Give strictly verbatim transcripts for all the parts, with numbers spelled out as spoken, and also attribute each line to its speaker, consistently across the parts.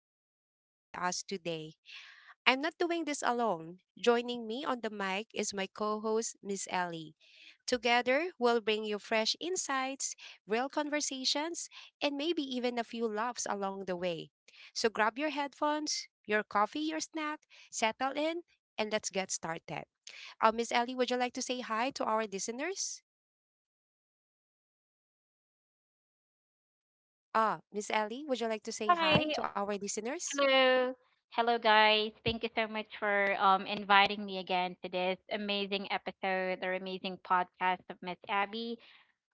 Speaker 1: to have you with us today. I'm not doing this alone. Joining me on the mic is my co host, Miss Ellie. Together, we'll bring you fresh insights, real conversations, and maybe even a few laughs along the way. So grab your headphones, your coffee, your snack, settle in, and let's get started. Uh, Miss Ellie, would you like to say hi to our listeners? Ah, Miss Ellie, would you like to say
Speaker 2: Hi.
Speaker 1: hi to our listeners?
Speaker 2: Hello. Hello, guys. Thank you so much for um, inviting me again to this amazing episode or amazing podcast of Miss Abby.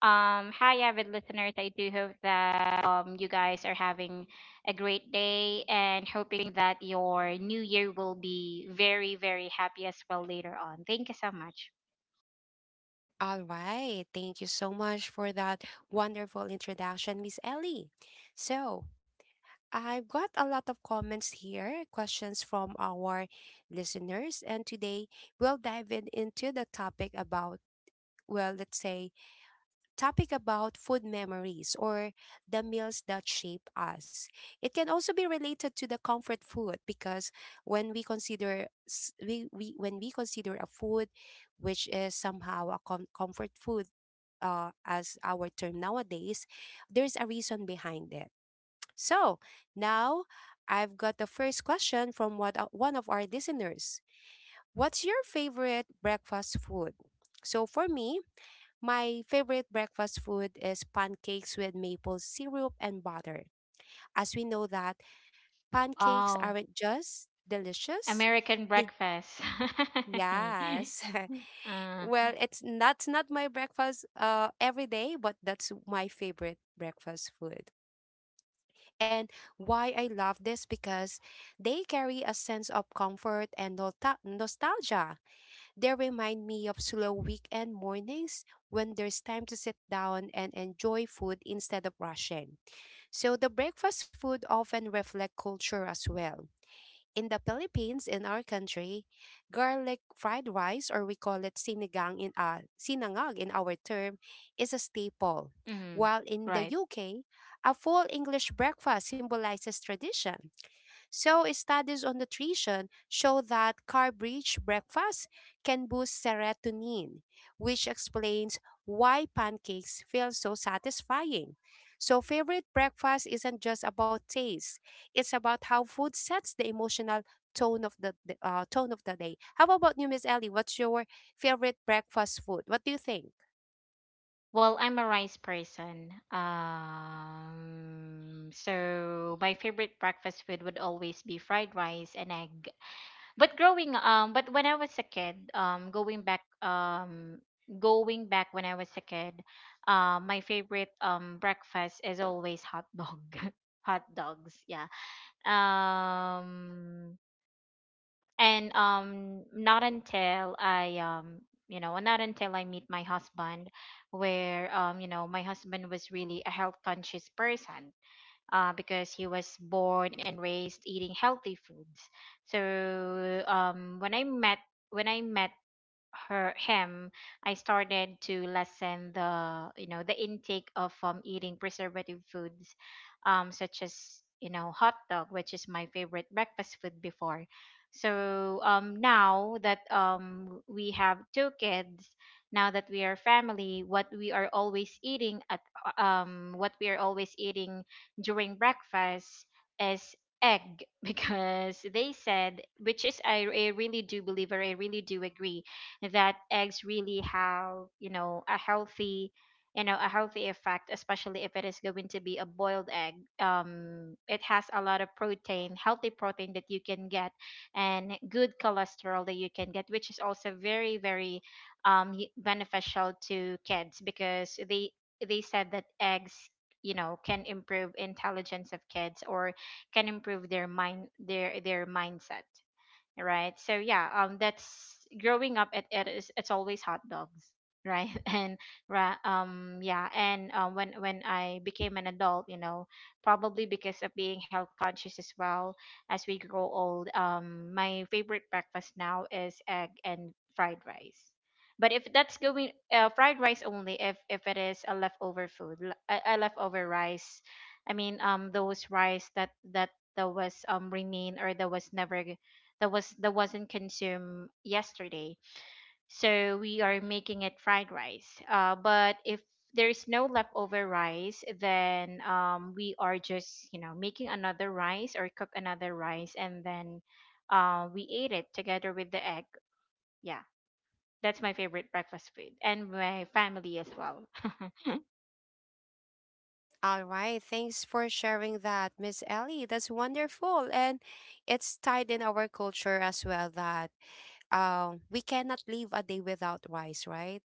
Speaker 2: Um, hi, avid listeners. I do hope that um, you guys are having a great day and hoping that your new year will be very, very happy as well later on. Thank you so much.
Speaker 1: All right. Thank you so much for that wonderful introduction, Miss Ellie. So, I've got a lot of comments here, questions from our listeners, and today we'll dive in into the topic about, well, let's say, topic about food memories or the meals that shape us. It can also be related to the comfort food because when we consider s- we, we when we consider a food which is somehow a com- comfort food uh, as our term nowadays, there's a reason behind it, so now I've got the first question from what, uh, one of our listeners. What's your favorite breakfast food? So for me, my favorite breakfast food is pancakes with maple syrup and butter. As we know that pancakes
Speaker 2: Oh,
Speaker 1: aren't just delicious,
Speaker 2: American
Speaker 1: they
Speaker 2: breakfast.
Speaker 1: yes.
Speaker 2: uh,
Speaker 1: Well, it's that's not my breakfast uh every day, but that's my favorite breakfast food. And why I love this because they carry a sense of comfort and nostal- nostalgia. They remind me of slow weekend mornings when there's time to sit down and enjoy food instead of rushing. So the breakfast food often reflect culture as well. In the Philippines, in our country, garlic fried rice, or we call it sinigang in uh, sinangag in our term, is a staple.
Speaker 2: mm,
Speaker 1: While in the
Speaker 2: right.
Speaker 1: U K, a full English breakfast symbolizes tradition. So, studies on nutrition show that carb-rich breakfast can boost serotonin, which explains why pancakes feel so satisfying. So, favorite breakfast isn't just about taste; it's about how food sets the emotional tone of the the, uh, tone of the day. How about you, Miss Ellie? What's your favorite breakfast food? What do you think?
Speaker 2: Well, I'm a rice person. Um, so my favorite breakfast food would always be fried rice and egg. But growing um, but when I was a kid, um, going back um, going back when I was a kid, uh, my favorite um breakfast is always hot dog, hot dogs. Yeah. Um, and um not until i um you know, not until I meet my husband, where, um you know, my husband was really a health conscious person, uh, because he was born and raised eating healthy foods. So um when i met when I met her him, I started to lessen the, you know, the intake of, um, eating preservative foods, um such as, you know, hot dog, which is my favorite breakfast food before. So um now that um we have two kids, now that we are family, what we are always eating at uh, um what we are always eating during breakfast is egg, because they said, which is I, I really do believe or I really do agree that eggs really have, you know, a healthy, you know, a healthy effect, especially if it is going to be a boiled egg. Um it has a lot of protein, healthy protein, that you can get, and good cholesterol that you can get, which is also very, very um y- beneficial to kids, because they they said that eggs, you know, can improve intelligence of kids, or can improve their mind, their their mindset, right? So yeah, um, that's growing up. It, it is it's always hot dogs, right? And ra- um, yeah, and um, when when I became an adult, you know, probably because of being health conscious as well as we grow old, um, my favorite breakfast now is egg and fried rice. But if that's going uh, fried rice only, if if it is a leftover food, l- a, a leftover rice, I mean, um, those rice that that that was um remain, or that was never, that was that wasn't consumed yesterday. So we are making it fried rice. Uh, but if there's no leftover rice, then, um, we are just, you know, making another rice or cook another rice, and then uh, we ate it together with the egg. Yeah, that's my favorite breakfast food, and my family as well.
Speaker 1: All right, thanks for sharing that, Miss Ellie. That's wonderful. And it's tied in our culture as well that uh, we cannot live a day without rice, right?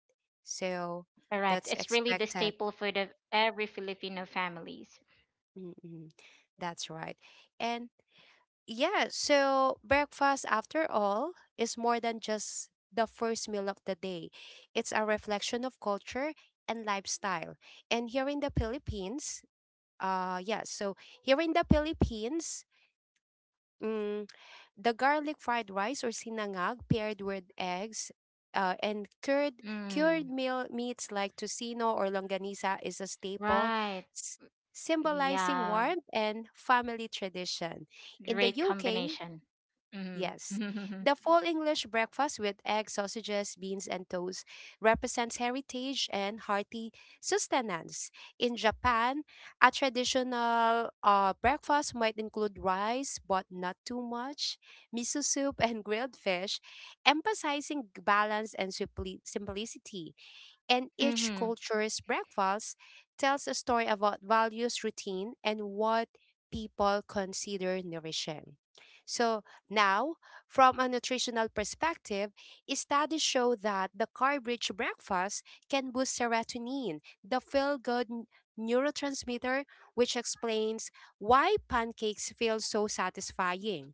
Speaker 1: So
Speaker 2: Correct.
Speaker 1: that's
Speaker 2: It's really the
Speaker 1: expected.
Speaker 2: staple food of every Filipino families.
Speaker 1: Mm-mm, that's right. And yeah, so breakfast, after all, is more than just the first meal of the day, it's a reflection of culture and lifestyle. And here in the Philippines, uh, yeah, so here in the Philippines, mm, the garlic fried rice or sinangag paired with eggs uh, and cured cured
Speaker 2: Mm,
Speaker 1: meal meats like tocino or longanisa is a staple,
Speaker 2: right.
Speaker 1: s- symbolizing
Speaker 2: Yeah,
Speaker 1: warmth and family tradition. In the
Speaker 2: great
Speaker 1: U K,
Speaker 2: combination.
Speaker 1: yes.
Speaker 2: Mm-hmm.
Speaker 1: The full English breakfast with eggs, sausages, beans, and toast represents heritage and hearty sustenance. In Japan, a traditional uh, breakfast might include rice, but not too much, miso soup, and grilled fish, emphasizing balance and simpli- simplicity, and each
Speaker 2: Mm-hmm.
Speaker 1: culture's breakfast tells a story about values, routine, and what people consider nourishing. So, now, from a nutritional perspective, studies show that the carb rich breakfast can boost serotonin, the feel good neurotransmitter, which explains why pancakes feel so satisfying.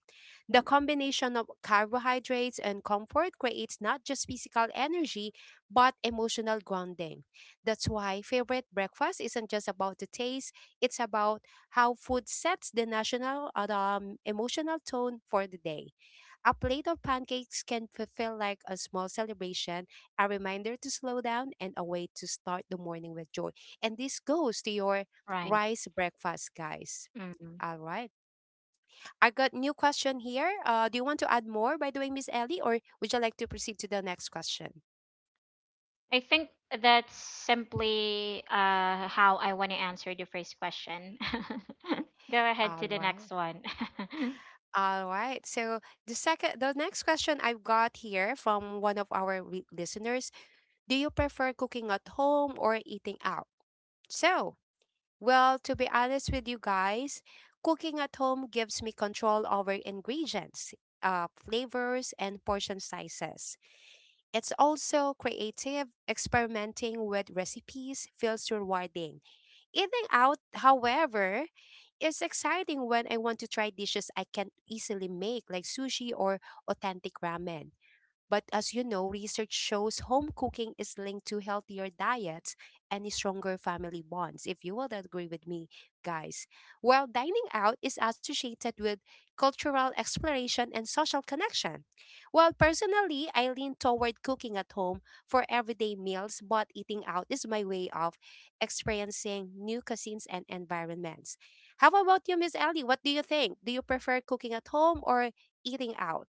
Speaker 1: The combination of carbohydrates and comfort creates not just physical energy, but emotional grounding. That's why favorite breakfast isn't just about the taste, it's about how food sets the national uh, um, emotional tone for the day. A plate of pancakes can f- feel like a small celebration, a reminder to slow down, and a way to start the morning with joy. And this goes to your
Speaker 2: Right.
Speaker 1: rice breakfast, guys.
Speaker 2: Mm-hmm.
Speaker 1: All right. I got new question here. Uh, do you want to add more by doing, Miss Ellie, or would you like to proceed to the next question?
Speaker 2: I think that's simply uh, how I want to answer the first question. Go ahead
Speaker 1: All
Speaker 2: to the next
Speaker 1: right.
Speaker 2: one.
Speaker 1: All right. So the second, the next question I've got here from one of our re- listeners: Do you prefer cooking at home or eating out? So, well, to be honest with you guys, cooking at home gives me control over ingredients, uh, flavors, and portion sizes. It's also creative. Experimenting with recipes feels rewarding. Eating out, however, is exciting when I want to try dishes I can easily make, like sushi or authentic ramen. But as you know, research shows home cooking is linked to healthier diets and stronger family bonds, if you will agree with me, guys. While dining out is associated with cultural exploration and social connection. Well, personally, I lean toward cooking at home for everyday meals, but eating out is my way of experiencing new cuisines and environments. How about you, Miss Ellie? What do you think? Do you prefer cooking at home or eating out?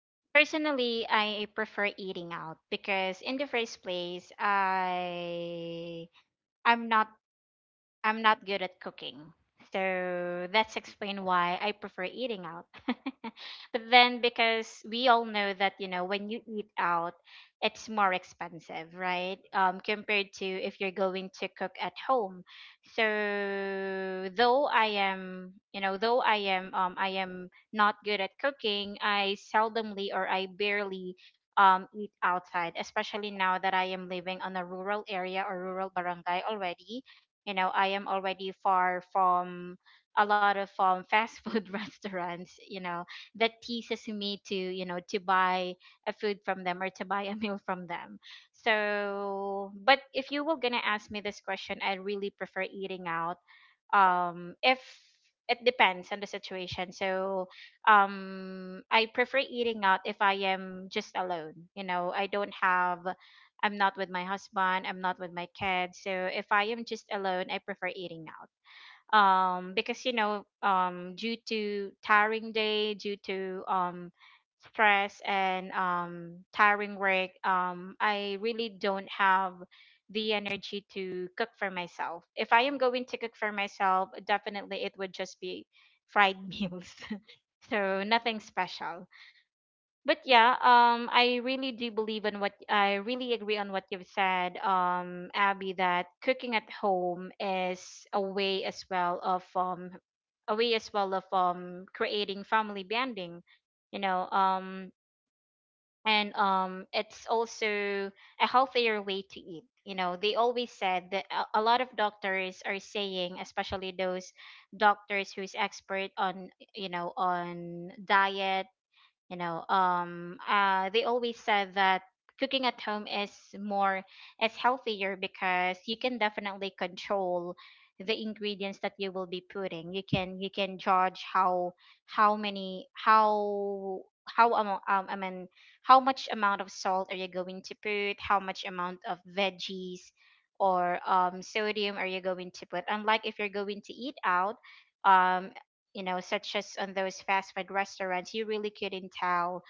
Speaker 2: Personally, I prefer eating out because in the first place, I I'm not I'm not good at cooking. So that's explain why I prefer eating out. But then because we all know that, you know, when you eat out, it's more expensive, right? Um compared to if you're going to cook at home. So though I am, you know, though I am, um I am not good at cooking, I seldomly or I barely um, eat outside, especially now that I am living on a rural area or rural barangay already. You know, I am already far from a lot of, um, fast food restaurants, you know, that teases me to, you know, to buy a food from them, or to buy a meal from them. So but if you were gonna ask me this question, I really prefer eating out. Um if It depends on the situation. So um I prefer eating out if I am just alone. You know, I don't have, I'm not with my husband, I'm not with my kids. So if I am just alone, I prefer eating out, um because, you know, um due to tiring day, due to um stress and um tiring work, um I really don't have the energy to cook for myself. If I am going to cook for myself, definitely it would just be fried meals, so nothing special. But yeah, um I really do believe in what, I really agree on what you've said, um Abby, that cooking at home is a way as well of, um a way as well of, um creating family bonding, you know. Um and um It's also a healthier way to eat. You know, they always said that a a lot of doctors are saying, especially those doctors who's expert on, you know, on diet, you know. Um uh they always said that cooking at home is more is healthier, because you can definitely control the ingredients that you will be putting. You can, you can judge how how many, how how amo- um, I mean, how much amount of salt are you going to put, how much amount of veggies, or, um, sodium are you going to put, unlike if you're going to eat out, um, you know, such as on those fast food restaurants, you really couldn't tell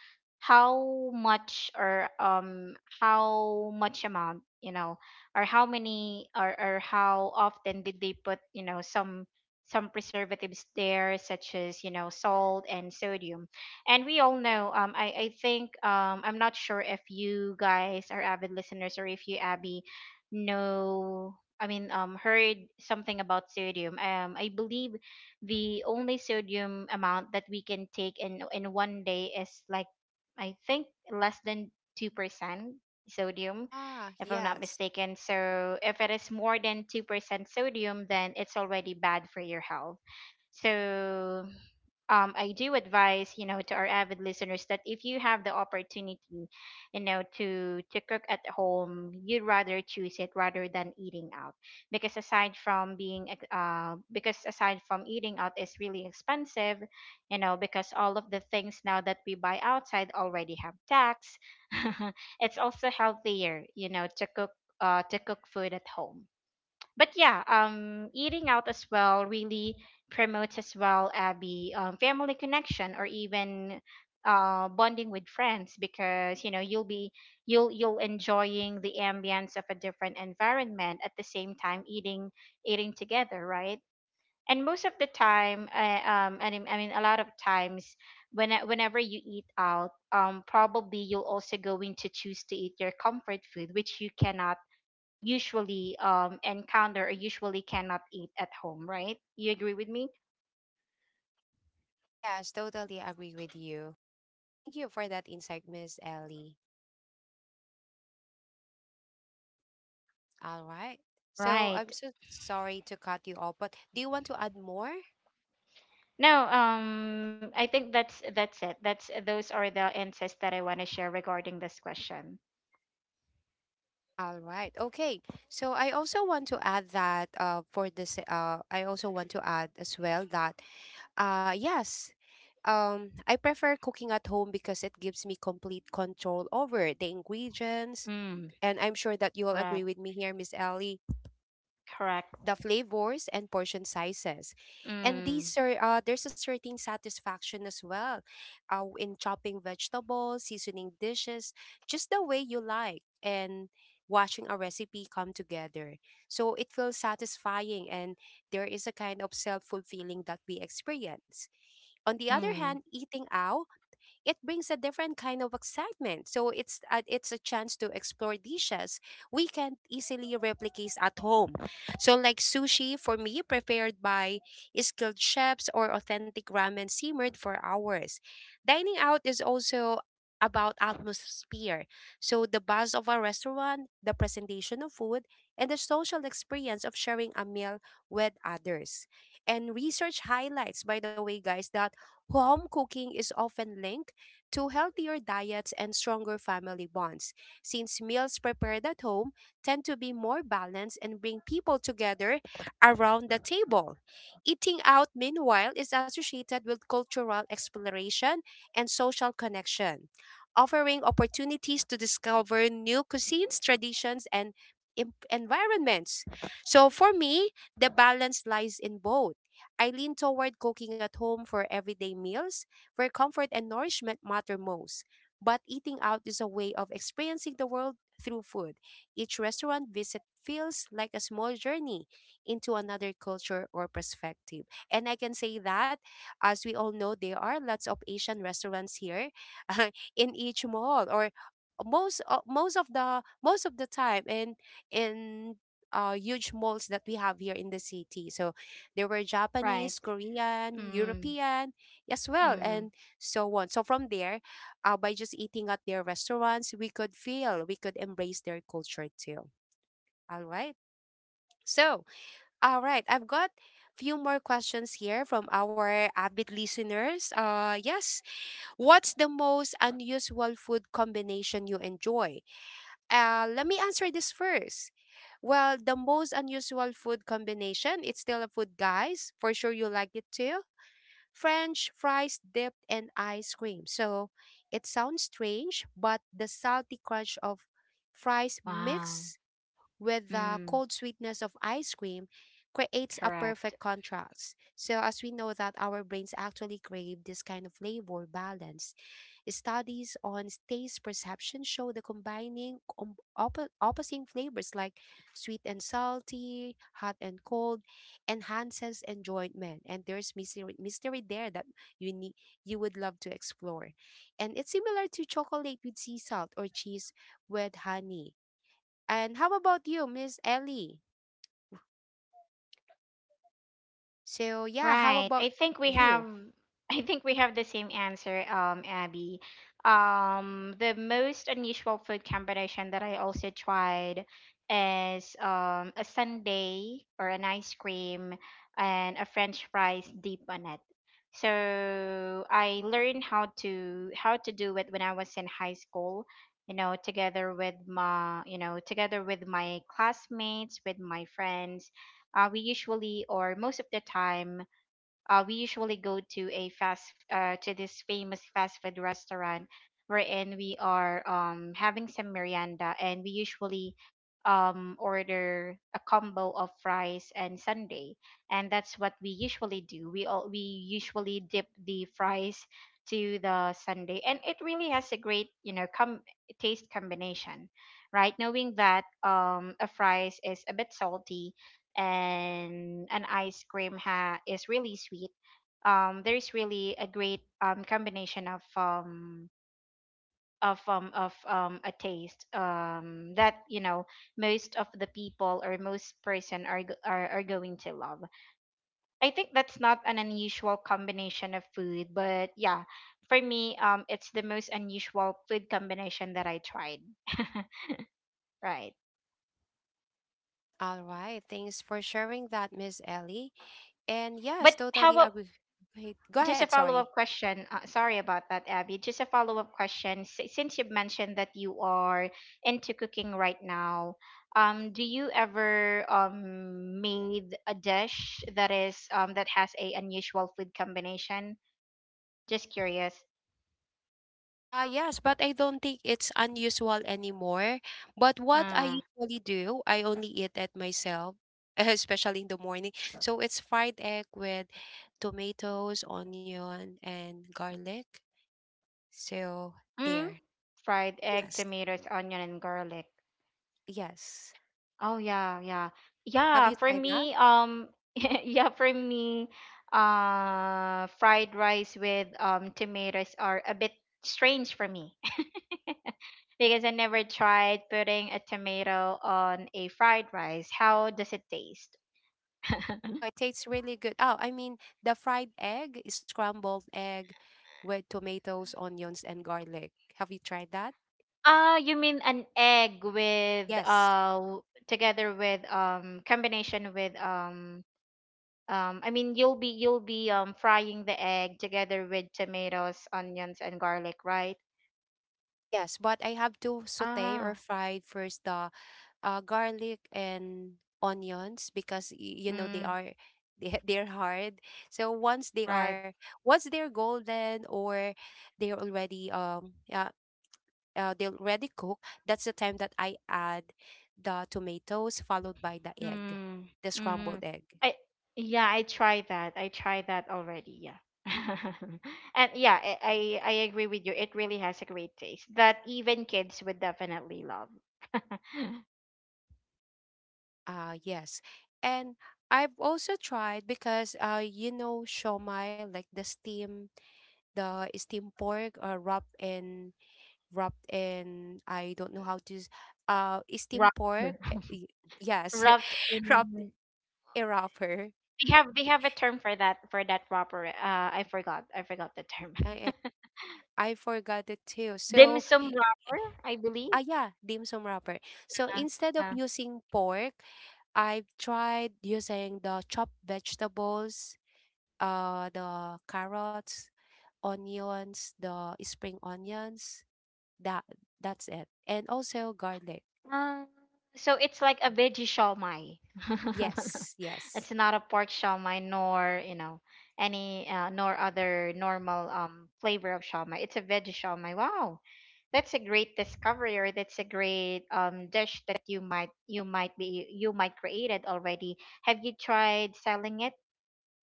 Speaker 2: how much, or um how much amount, you know, or how many, or or how often did they put, you know, some some preservatives there, such as, you know, salt and sodium, and we all know. Um, I I think, um I'm not sure if you guys are avid listeners, or if you, Abby, know. I mean, um heard something about sodium. Um, I believe the only sodium amount that we can take in in one day is like I think less than two percent sodium,
Speaker 1: Ah,
Speaker 2: if I'm not
Speaker 1: yes.
Speaker 2: mistaken. So if it is more than two percent sodium, then it's already bad for your health. So, um, I do advise, you know, to our avid listeners that if you have the opportunity, you know, to to cook at home, you'd rather choose it rather than eating out, because aside from being ex- uh, because aside from eating out is really expensive, you know, because all of the things now that we buy outside already have tax. It's also healthier, you know, to cook, uh, to cook food at home. But yeah, um, eating out as well really promotes as well, Abby, um, family connection or even uh, bonding with friends, because you know you'll be, you'll you'll enjoying the ambience of a different environment, at the same time eating, eating together, right? And most of the time, uh, um, I mean, I mean, a lot of times, when whenever you eat out, um, probably you'll also going to choose to eat your comfort food, which you cannot usually um encounter or usually cannot eat at home, right? You agree with me?
Speaker 1: Yes, totally agree with you. Thank you for that insight, Miss Ellie. All right. So
Speaker 2: Right.
Speaker 1: I'm so sorry to cut you off, but do you want to add more?
Speaker 2: no um I think that's that's it, that's those are the insights that I want to share regarding this question.
Speaker 1: All right. Okay. So I also want to add that uh for this uh I also want to add as well that uh yes, um I prefer cooking at home because it gives me complete control over the ingredients,
Speaker 2: mm,
Speaker 1: and I'm sure that you will
Speaker 2: right.
Speaker 1: agree with me here, Miss Ellie,
Speaker 2: Correct.
Speaker 1: the flavors and portion sizes.
Speaker 2: mm,
Speaker 1: And these are uh, there's a certain satisfaction as well uh, in chopping vegetables, seasoning dishes, just the way you like, and watching a recipe come together. So it feels satisfying and there is a kind of self-fulfilling that we experience. On the other
Speaker 2: mm,
Speaker 1: hand, eating out, it brings a different kind of excitement. So it's uh, it's a chance to explore dishes we can not easily replicate at home. So like sushi for me prepared by skilled chefs or authentic ramen simmered for hours. Dining out is also about atmosphere. So the buzz of a restaurant, the presentation of food, and the social experience of sharing a meal with others. And research highlights, by the way, guys, that home cooking is often linked to healthier diets and stronger family bonds, since meals prepared at home tend to be more balanced and bring people together around the table. Eating out, meanwhile, is associated with cultural exploration and social connection, offering opportunities to discover new cuisines, traditions, and em- environments. So for me, the balance lies in both. I lean toward cooking at home for everyday meals where comfort and nourishment matter most. But eating out is a way of experiencing the world through food. Each restaurant visit feels like a small journey into another culture or perspective. And I can say that, as we all know, there are lots of Asian restaurants here in each mall, or most uh, most of the most of the time in in uh, huge malls that we have here in the city. So there were
Speaker 2: right.
Speaker 1: Japanese, Korean,
Speaker 2: mm,
Speaker 1: European, as well,
Speaker 2: mm,
Speaker 1: and so on. So from there, uh, by just eating at their restaurants, we could feel, we could embrace their culture too. All right. So, all right, I've got few more questions here from our avid listeners. Uh yes, what's the most unusual food combination you enjoy? Uh let me answer this first. Well, the most unusual food combination, it's still a food, guys. For sure you like it too. French fries dipped in ice cream. So it sounds strange, but the salty crunch of fries
Speaker 2: wow.
Speaker 1: mixed with the
Speaker 2: mm,
Speaker 1: cold sweetness of ice cream creates a
Speaker 2: correct.
Speaker 1: perfect contrast. So, as we know that our brains actually crave this kind of flavor balance, studies on taste perception show the combining com- oppo- opposing flavors like sweet and salty, hot and cold enhances enjoyment. And there's mystery, mystery there that you need you would love to explore. And it's similar to chocolate with sea salt or cheese with honey. And how about you, Miss Ellie? So, yeah, how
Speaker 2: Right.
Speaker 1: about
Speaker 2: I think we have
Speaker 1: you?
Speaker 2: I think we have the same answer, um, Abby. Um, the most unusual food combination that I also tried is, um, a sundae or an ice cream and a French fries deep on it. So I learned how to how to do it when I was in high school, you know, together with my, you know, together with my classmates, with my friends. Uh, we usually or most of the time, uh, we usually go to a fast uh, to this famous fast food restaurant wherein we are um having some merienda, and we usually um order a combo of fries and sundae. And that's what we usually do, we all, we usually dip the fries to the sundae, and it really has a great, you know, com- taste combination, right? Knowing that um a fries is a bit salty, and an ice cream ha- is really sweet, um there is really a great um combination of, um of um of um a taste um that, you know, most of the people or most person are go- are, are going to love. I think that's not an unusual combination of food, but yeah, for me, um it's the most unusual food combination that I tried. Right.
Speaker 1: All right. Thanks for sharing that, Miss Ellie. And yes,
Speaker 2: But how
Speaker 1: totally
Speaker 2: about,
Speaker 1: agree. Wait, go
Speaker 2: just
Speaker 1: ahead,
Speaker 2: a
Speaker 1: sorry.
Speaker 2: follow-up question, uh, sorry about that, Abby, just a follow-up question. S- since you've mentioned that you are into cooking right now, um, do you ever, um, made a dish that is, um, that has a unusual food combination? Just curious.
Speaker 1: Uh, yes, but I don't think it's unusual anymore. But what
Speaker 2: uh,
Speaker 1: I usually do, I only eat it myself, especially in the morning. So it's fried egg with tomatoes, onion, and garlic. So
Speaker 2: mm,
Speaker 1: there.
Speaker 2: Fried egg,
Speaker 1: Yes.
Speaker 2: tomatoes, onion, and garlic?
Speaker 1: Yes.
Speaker 2: Oh yeah, yeah.
Speaker 1: Have
Speaker 2: Yeah,
Speaker 1: you
Speaker 2: for
Speaker 1: tried that?
Speaker 2: me, um yeah, for me, uh fried rice with um tomatoes are a bit strange for me because I never tried putting a tomato on a fried rice. How does it taste?
Speaker 1: Oh, it tastes really good. Oh, I mean the fried egg, scrambled egg with tomatoes, onions, and garlic. Have you tried that?
Speaker 2: Ah, you mean an egg with
Speaker 1: Yes.
Speaker 2: uh w- together with um combination with um um I mean you'll be you'll be um frying the egg together with tomatoes, onions and garlic, right?
Speaker 1: Yes, but I have to saute or
Speaker 2: Ah,
Speaker 1: fry first the uh, garlic and onions because y- you know they
Speaker 2: mm,
Speaker 1: are they, they're hard. So once they
Speaker 2: right.
Speaker 1: are once they're golden or they're already um yeah, uh, they already cook, that's the time that I add the tomatoes followed by the egg,
Speaker 2: Mm,
Speaker 1: the
Speaker 2: mm.
Speaker 1: scrambled egg.
Speaker 2: I Yeah, I tried that. I tried that already. Yeah. And yeah, I, I I agree with you. It really has a great taste that even kids would definitely love.
Speaker 1: Uh, yes. And I've also tried because uh you know shomai, like the steam the steam pork uh, wrapped in wrapped in I don't know how to s- uh steam pork
Speaker 2: Wrapper.
Speaker 1: uh, y- yes,
Speaker 2: Wrapped
Speaker 1: wrapped in
Speaker 2: in,
Speaker 1: a wrapper.
Speaker 2: they have they have a term for that for that wrapper. Uh, I forgot. I forgot the term.
Speaker 1: I, I I forgot it too,
Speaker 2: Dim
Speaker 1: so
Speaker 2: sum wrapper, I
Speaker 1: ah,
Speaker 2: believe.
Speaker 1: yeah, dim sum wrapper. So
Speaker 2: Uh,
Speaker 1: instead of
Speaker 2: uh,
Speaker 1: using pork, I've tried using the chopped vegetables, uh, the carrots, onions, the spring onions. That that's it, and also garlic.
Speaker 2: Um, so it's like a veggie shawmai.
Speaker 1: Yes, yes.
Speaker 2: It's not a pork shawmai, nor, you know, any uh, nor other normal um flavor of shawmai. It's a veggie shawmai. Wow. That's a great discovery, or that's a great um dish that you might you might be you might created already. Have you tried selling it,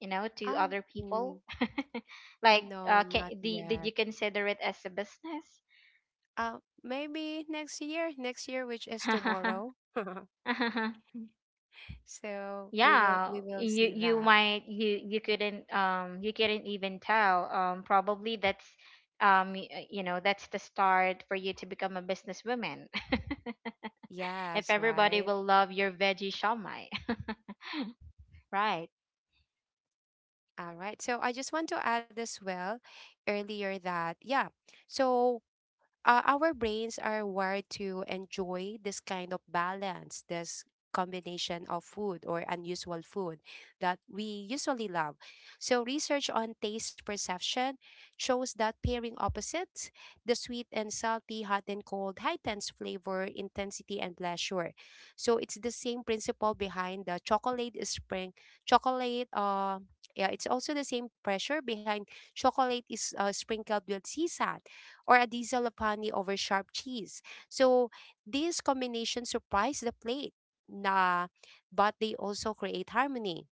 Speaker 2: you know, to
Speaker 1: Um,
Speaker 2: other
Speaker 1: mm,
Speaker 2: people? Like
Speaker 1: no,
Speaker 2: uh can,
Speaker 1: not
Speaker 2: did,
Speaker 1: yet.
Speaker 2: did you consider it as a business?
Speaker 1: Uh, maybe next year. Next year, which is tomorrow. So we will
Speaker 2: Yeah,
Speaker 1: we will
Speaker 2: you
Speaker 1: see
Speaker 2: you
Speaker 1: that.
Speaker 2: might you you couldn't, um you couldn't even tell, um probably that's um y- uh, you know, that's the start for you to become a businesswoman. If
Speaker 1: Yes,
Speaker 2: everybody
Speaker 1: right.
Speaker 2: will love your veggie shawmai. Right.
Speaker 1: All right. So I just want to add as well earlier that, yeah. So, uh, our brains are wired to enjoy this kind of balance, this combination of food or unusual food that we usually love. So, research on taste perception shows that pairing opposites, the sweet and salty, hot and cold, heightens flavor, intensity, and pleasure. So, it's the same principle behind the chocolate is spring, chocolate, uh, yeah, it's also the same pressure behind chocolate is uh, sprinkled with sisa or a diesel of honey over sharp cheese. So these combinations surprise the plate, nah, but they also create harmony.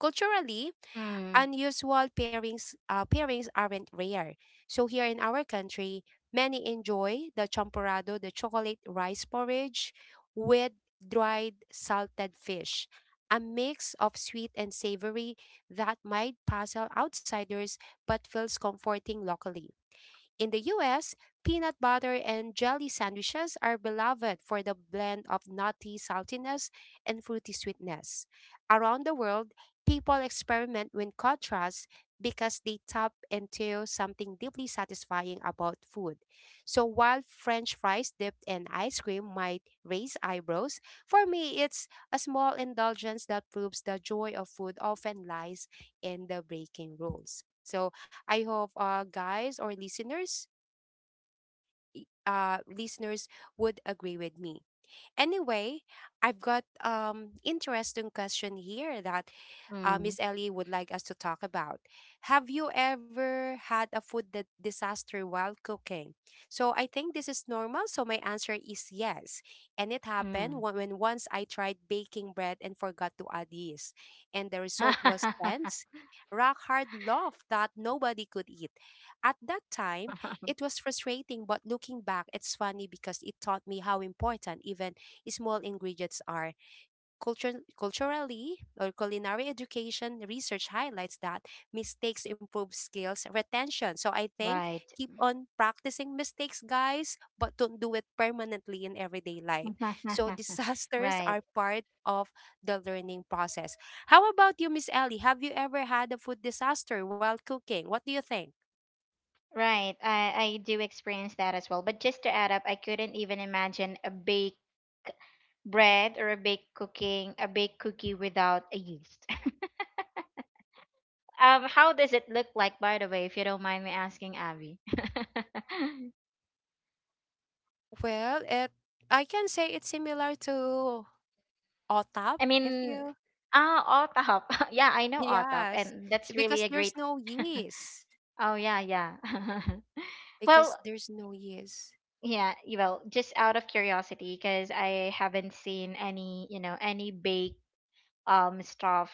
Speaker 1: Culturally,
Speaker 2: Mm,
Speaker 1: unusual pairings uh, pairings aren't rare. So here in our country, many enjoy the champorado, the chocolate rice porridge with dried salted fish, a mix of sweet and savory that might puzzle outsiders but feels comforting locally. In the U S, peanut butter and jelly sandwiches are beloved for the blend of nutty saltiness and fruity sweetness. Around the world, people experiment with contrasts because they tap into something deeply satisfying about food. So while French fries dipped in ice cream might raise eyebrows, for me it's a small indulgence that proves the joy of food often lies in the breaking rules. So I hope uh guys or listeners i- uh listeners would agree with me. Anyway, I've got um interesting question here that uh,
Speaker 2: mm,
Speaker 1: Miss Ellie would like us to talk about. Have you ever had a food di- disaster while cooking? So I think this is normal. So my answer is yes. And it happened
Speaker 2: mm.
Speaker 1: wh- when once I tried baking bread and forgot to add yeast. And the result was tense, rock hard loaf that nobody could eat. At that time, it was frustrating, but looking back, it's funny because it taught me how important even small ingredients are. Culture, culturally or culinary education research highlights that mistakes improve skills retention. So I think
Speaker 2: Right.
Speaker 1: keep on practicing mistakes, guys, but don't do it permanently in everyday life. So disasters
Speaker 2: Right.
Speaker 1: are part of the learning process. How about you, Miss Ellie? Have you ever had a food disaster while cooking? What do you think?
Speaker 2: Right, i i do experience that as well, but just to add up, I couldn't even imagine a bake bread, or a baked cooking a baked cookie without a yeast. Um how does it look like, by the way, if you don't mind me asking, Abby?
Speaker 1: Uh, well, it, I can say it's similar to O T A P,
Speaker 2: I mean,
Speaker 1: if you,
Speaker 2: ah, otap. Yeah, I know otap,
Speaker 1: yes.
Speaker 2: and
Speaker 1: s-
Speaker 2: that's really
Speaker 1: Because
Speaker 2: a great.
Speaker 1: there's no yeast.
Speaker 2: Oh yeah, yeah.
Speaker 1: Because
Speaker 2: Well,
Speaker 1: there's no, yes.
Speaker 2: yeah, well, just out of curiosity, because I haven't seen any, you know, any bake um stuff,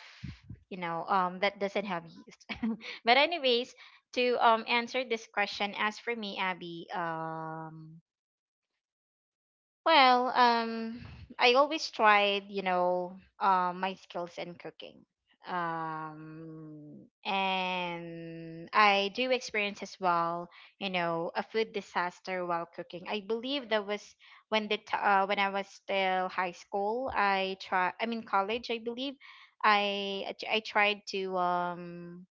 Speaker 2: you know, um that doesn't have use. But anyways, to um answer this question, as for me, Abby, um well, um, I always tried, you know, uh, my skills in cooking. Um, and I do experience as well, you know, a food disaster while cooking. I believe that was when the t- uh, when I was still high school. I try, I mean college, I believe. I I tried to um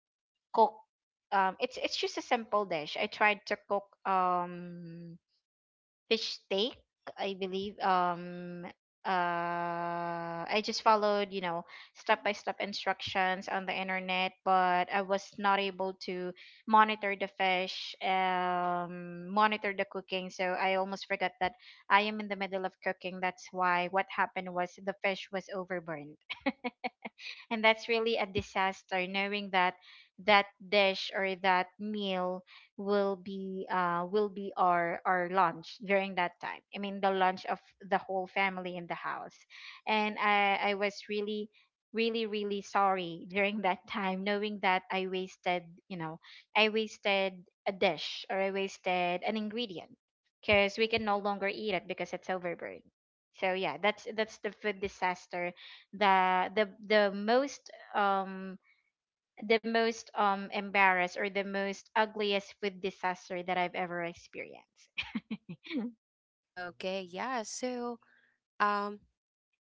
Speaker 2: cook. Um, it's it's just a simple dish. I tried to cook. Um fish steak, I believe. Um, uh, I just followed, you know, step by step instructions on the internet, but I was not able to monitor the fish, um, monitor the cooking. So I almost forgot that I am in the middle of cooking. That's why what happened was, the fish was overburned. And that's really a disaster, knowing that that dish or that meal will be, uh will be our our lunch during that time. I mean the lunch of the whole family in the house. And i i was really, really, really sorry during that time, knowing that I wasted, you know, I wasted a dish or I wasted an ingredient, because we can no longer eat it, because it's overburned. So yeah, that's that's the food disaster, the the the most, um the most um embarrassed or the most ugliest food disaster that I've ever experienced.
Speaker 1: Okay, yeah. So, um,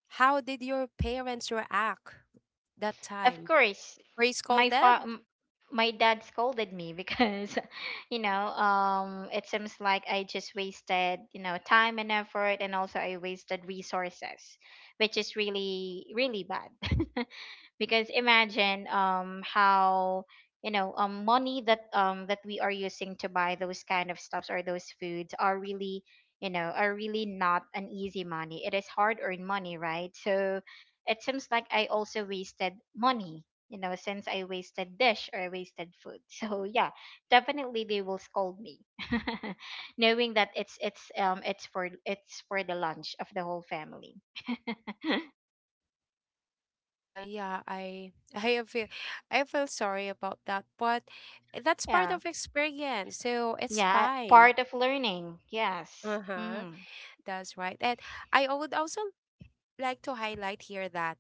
Speaker 1: how did your parents react that
Speaker 2: Of
Speaker 1: time?
Speaker 2: course,
Speaker 1: Were you
Speaker 2: my fa-
Speaker 1: scolded?
Speaker 2: m- my dad scolded me, because you know, um it seems like I just wasted, you know, time and effort, and also I wasted resources, which is really really bad. Because imagine, um how, you know, um money that, um that we are using to buy those kind of stuffs or those foods, are really, you know, are really not an easy money, it is hard earned money, right? So it seems like I also wasted money, you know, since I wasted dish or I wasted food. So yeah, definitely they will scold me, knowing that it's it's um it's for it's for the lunch of the whole family.
Speaker 1: Uh, yeah, I I feel I feel sorry about that, but that's part
Speaker 2: Yeah.
Speaker 1: of experience, so it's
Speaker 2: Yeah,
Speaker 1: fine.
Speaker 2: part of learning. Yes.
Speaker 1: Uh-huh.
Speaker 2: Mm.
Speaker 1: That's right. And I would also like to highlight here that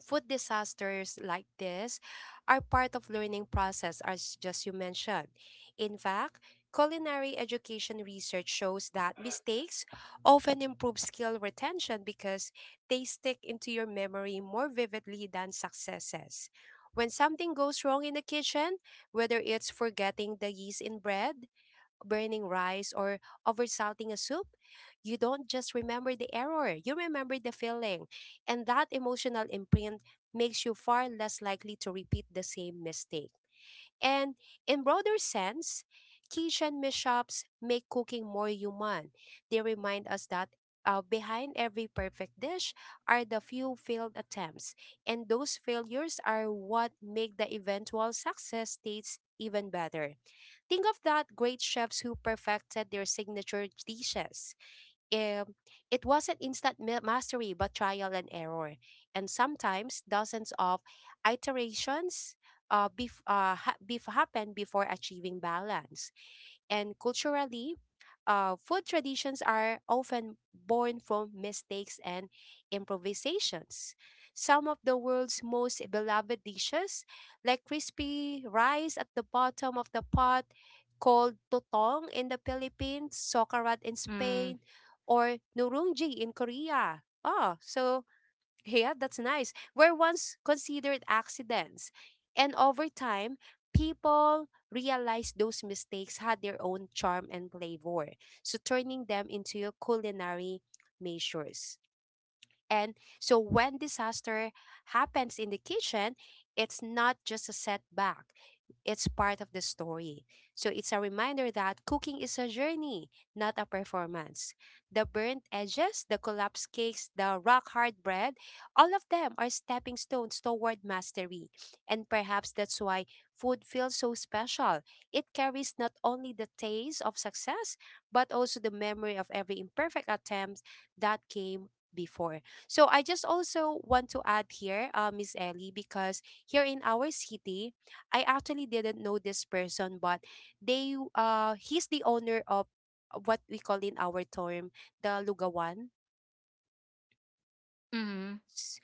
Speaker 1: food disasters like this are part of learning process as just you mentioned. In fact, culinary education research shows that mistakes often improve skill retention because they stick into your memory more vividly than successes. When something goes wrong in the kitchen, whether it's forgetting the yeast in bread, burning rice, or oversalting a soup, you don't just remember the error, you remember the feeling. And that emotional imprint makes you far less likely to repeat the same mistake. And in broader sense, kitchen mishaps make cooking more human. They remind us that, uh, behind every perfect dish are the few failed attempts, and those failures are what make the eventual success states even better. Think of that great chefs who perfected their signature dishes. Um, it wasn't instant ma- mastery, but trial and error, and sometimes dozens of iterations uh, bef- uh, ha- bef- happen before achieving balance and culturally, uh, food traditions are often born from mistakes and improvisations. Some of the world's most beloved dishes, like crispy rice at the bottom of the pot, called totong in the Philippines, sokarat in
Speaker 2: Mm.
Speaker 1: Spain, or nurungji in Korea. Oh, so yeah, that's nice. Were once considered accidents. And over time, people realized those mistakes had their own charm and flavor, so turning them into your culinary measures. And so when disaster happens in the kitchen, it's not just a setback. It's part of the story. So it's a reminder that cooking is a journey, not a performance. The burnt edges, the collapsed cakes, the rock hard bread, all of them are stepping stones toward mastery. And perhaps that's why food feels so special. It carries not only the taste of success, but also the memory of every imperfect attempt that came before. So I just also want to add here, uh, Miss Ellie, because here in our city, I actually didn't know this person, but they, uh he's the owner of what we call in our term the lugawan.
Speaker 2: Mm.
Speaker 1: S-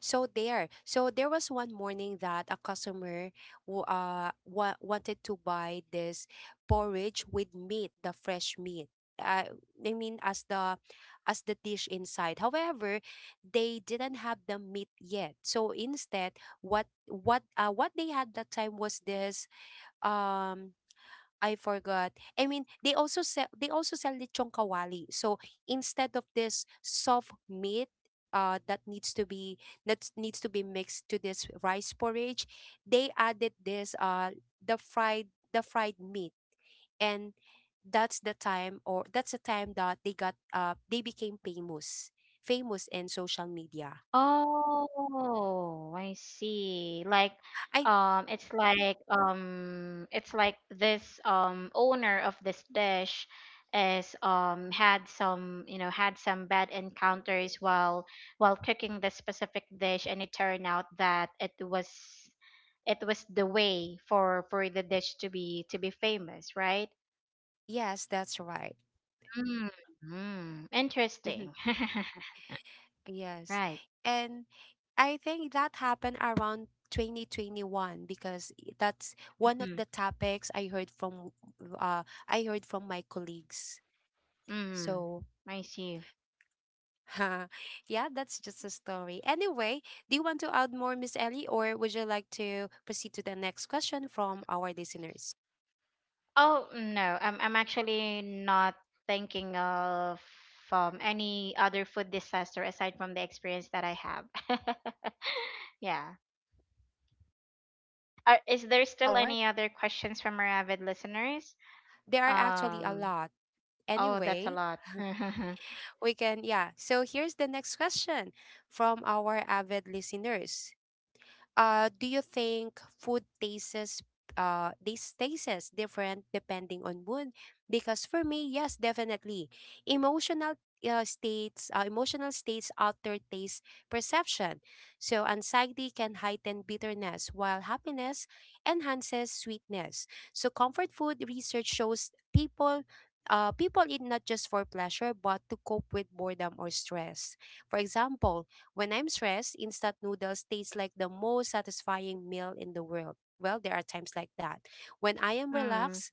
Speaker 1: So there, so there was one morning that a customer who uh wa- wanted to buy this porridge with meat, the fresh meat. Uh, I mean as the as the dish inside. However, they didn't have the meat yet. So instead, what what uh what they had that time was this um I forgot. I mean, they also sell, they also sell lechong kawali. So instead of this soft meat uh that needs to be, that needs to be mixed to this rice porridge, they added this uh the fried, the fried meat, and that's the time or that's the time that they got uh they became famous, famous in social media.
Speaker 2: Oh, I see. Like,
Speaker 1: I,
Speaker 2: um, it's like, um, it's like this um owner of this dish is um had some, you know, had some bad encounters while while cooking this specific dish, and it turned out that it was it was the way for for the dish to be, to be famous, right?
Speaker 1: yes, that's right.
Speaker 2: Mm-hmm.
Speaker 1: Mm-hmm.
Speaker 2: Interesting.
Speaker 1: Yes.
Speaker 2: Right.
Speaker 1: And I think that happened around twenty twenty-one, because that's one of
Speaker 2: Mm-hmm.
Speaker 1: the topics I heard from uh I heard from my colleagues.
Speaker 2: Mm-hmm.
Speaker 1: So
Speaker 2: I see.
Speaker 1: yeah, that's just a story. Anyway, do you want to add more, Miss Ellie, or would you like to proceed to the next question from our listeners?
Speaker 2: Oh, no. I'm I'm actually not thinking of um any other food disaster aside from the experience that I have. Yeah. Are, is there still
Speaker 1: All right.
Speaker 2: any other questions from our avid listeners?
Speaker 1: There are actually a
Speaker 2: Um,
Speaker 1: lot.
Speaker 2: oh, that's a
Speaker 1: Anyway,
Speaker 2: lot.
Speaker 1: we can, yeah. So here's the next question from our avid listeners. Uh, do you think food tastes uh this tastes different depending on mood? Because for me, yes, definitely. Emotional uh, states, uh, emotional states alter taste perception. So anxiety can heighten bitterness, while happiness enhances sweetness. So comfort food research shows people uh, people eat not just for pleasure but to cope with boredom or stress. For example, when I'm stressed, instant noodles taste like the most satisfying meal in the world. Well, there are times like that. When I am
Speaker 2: Hmm.
Speaker 1: relaxed,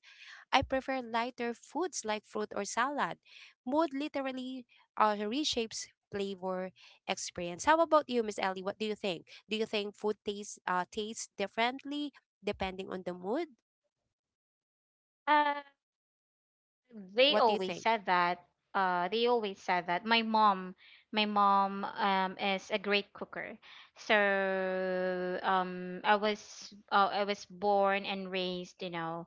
Speaker 1: I prefer lighter foods like fruit or salad. Mood literally, uh, reshapes flavor experience. How about you, Miss Ellie? What do you think? Do you think food tastes uh, tastes differently depending on the mood?
Speaker 2: Uh, they
Speaker 1: What do you
Speaker 2: always
Speaker 1: think?
Speaker 2: said that, uh they always said that my mom my mom um is a great cooker. So um i was uh, I was born and raised, you know,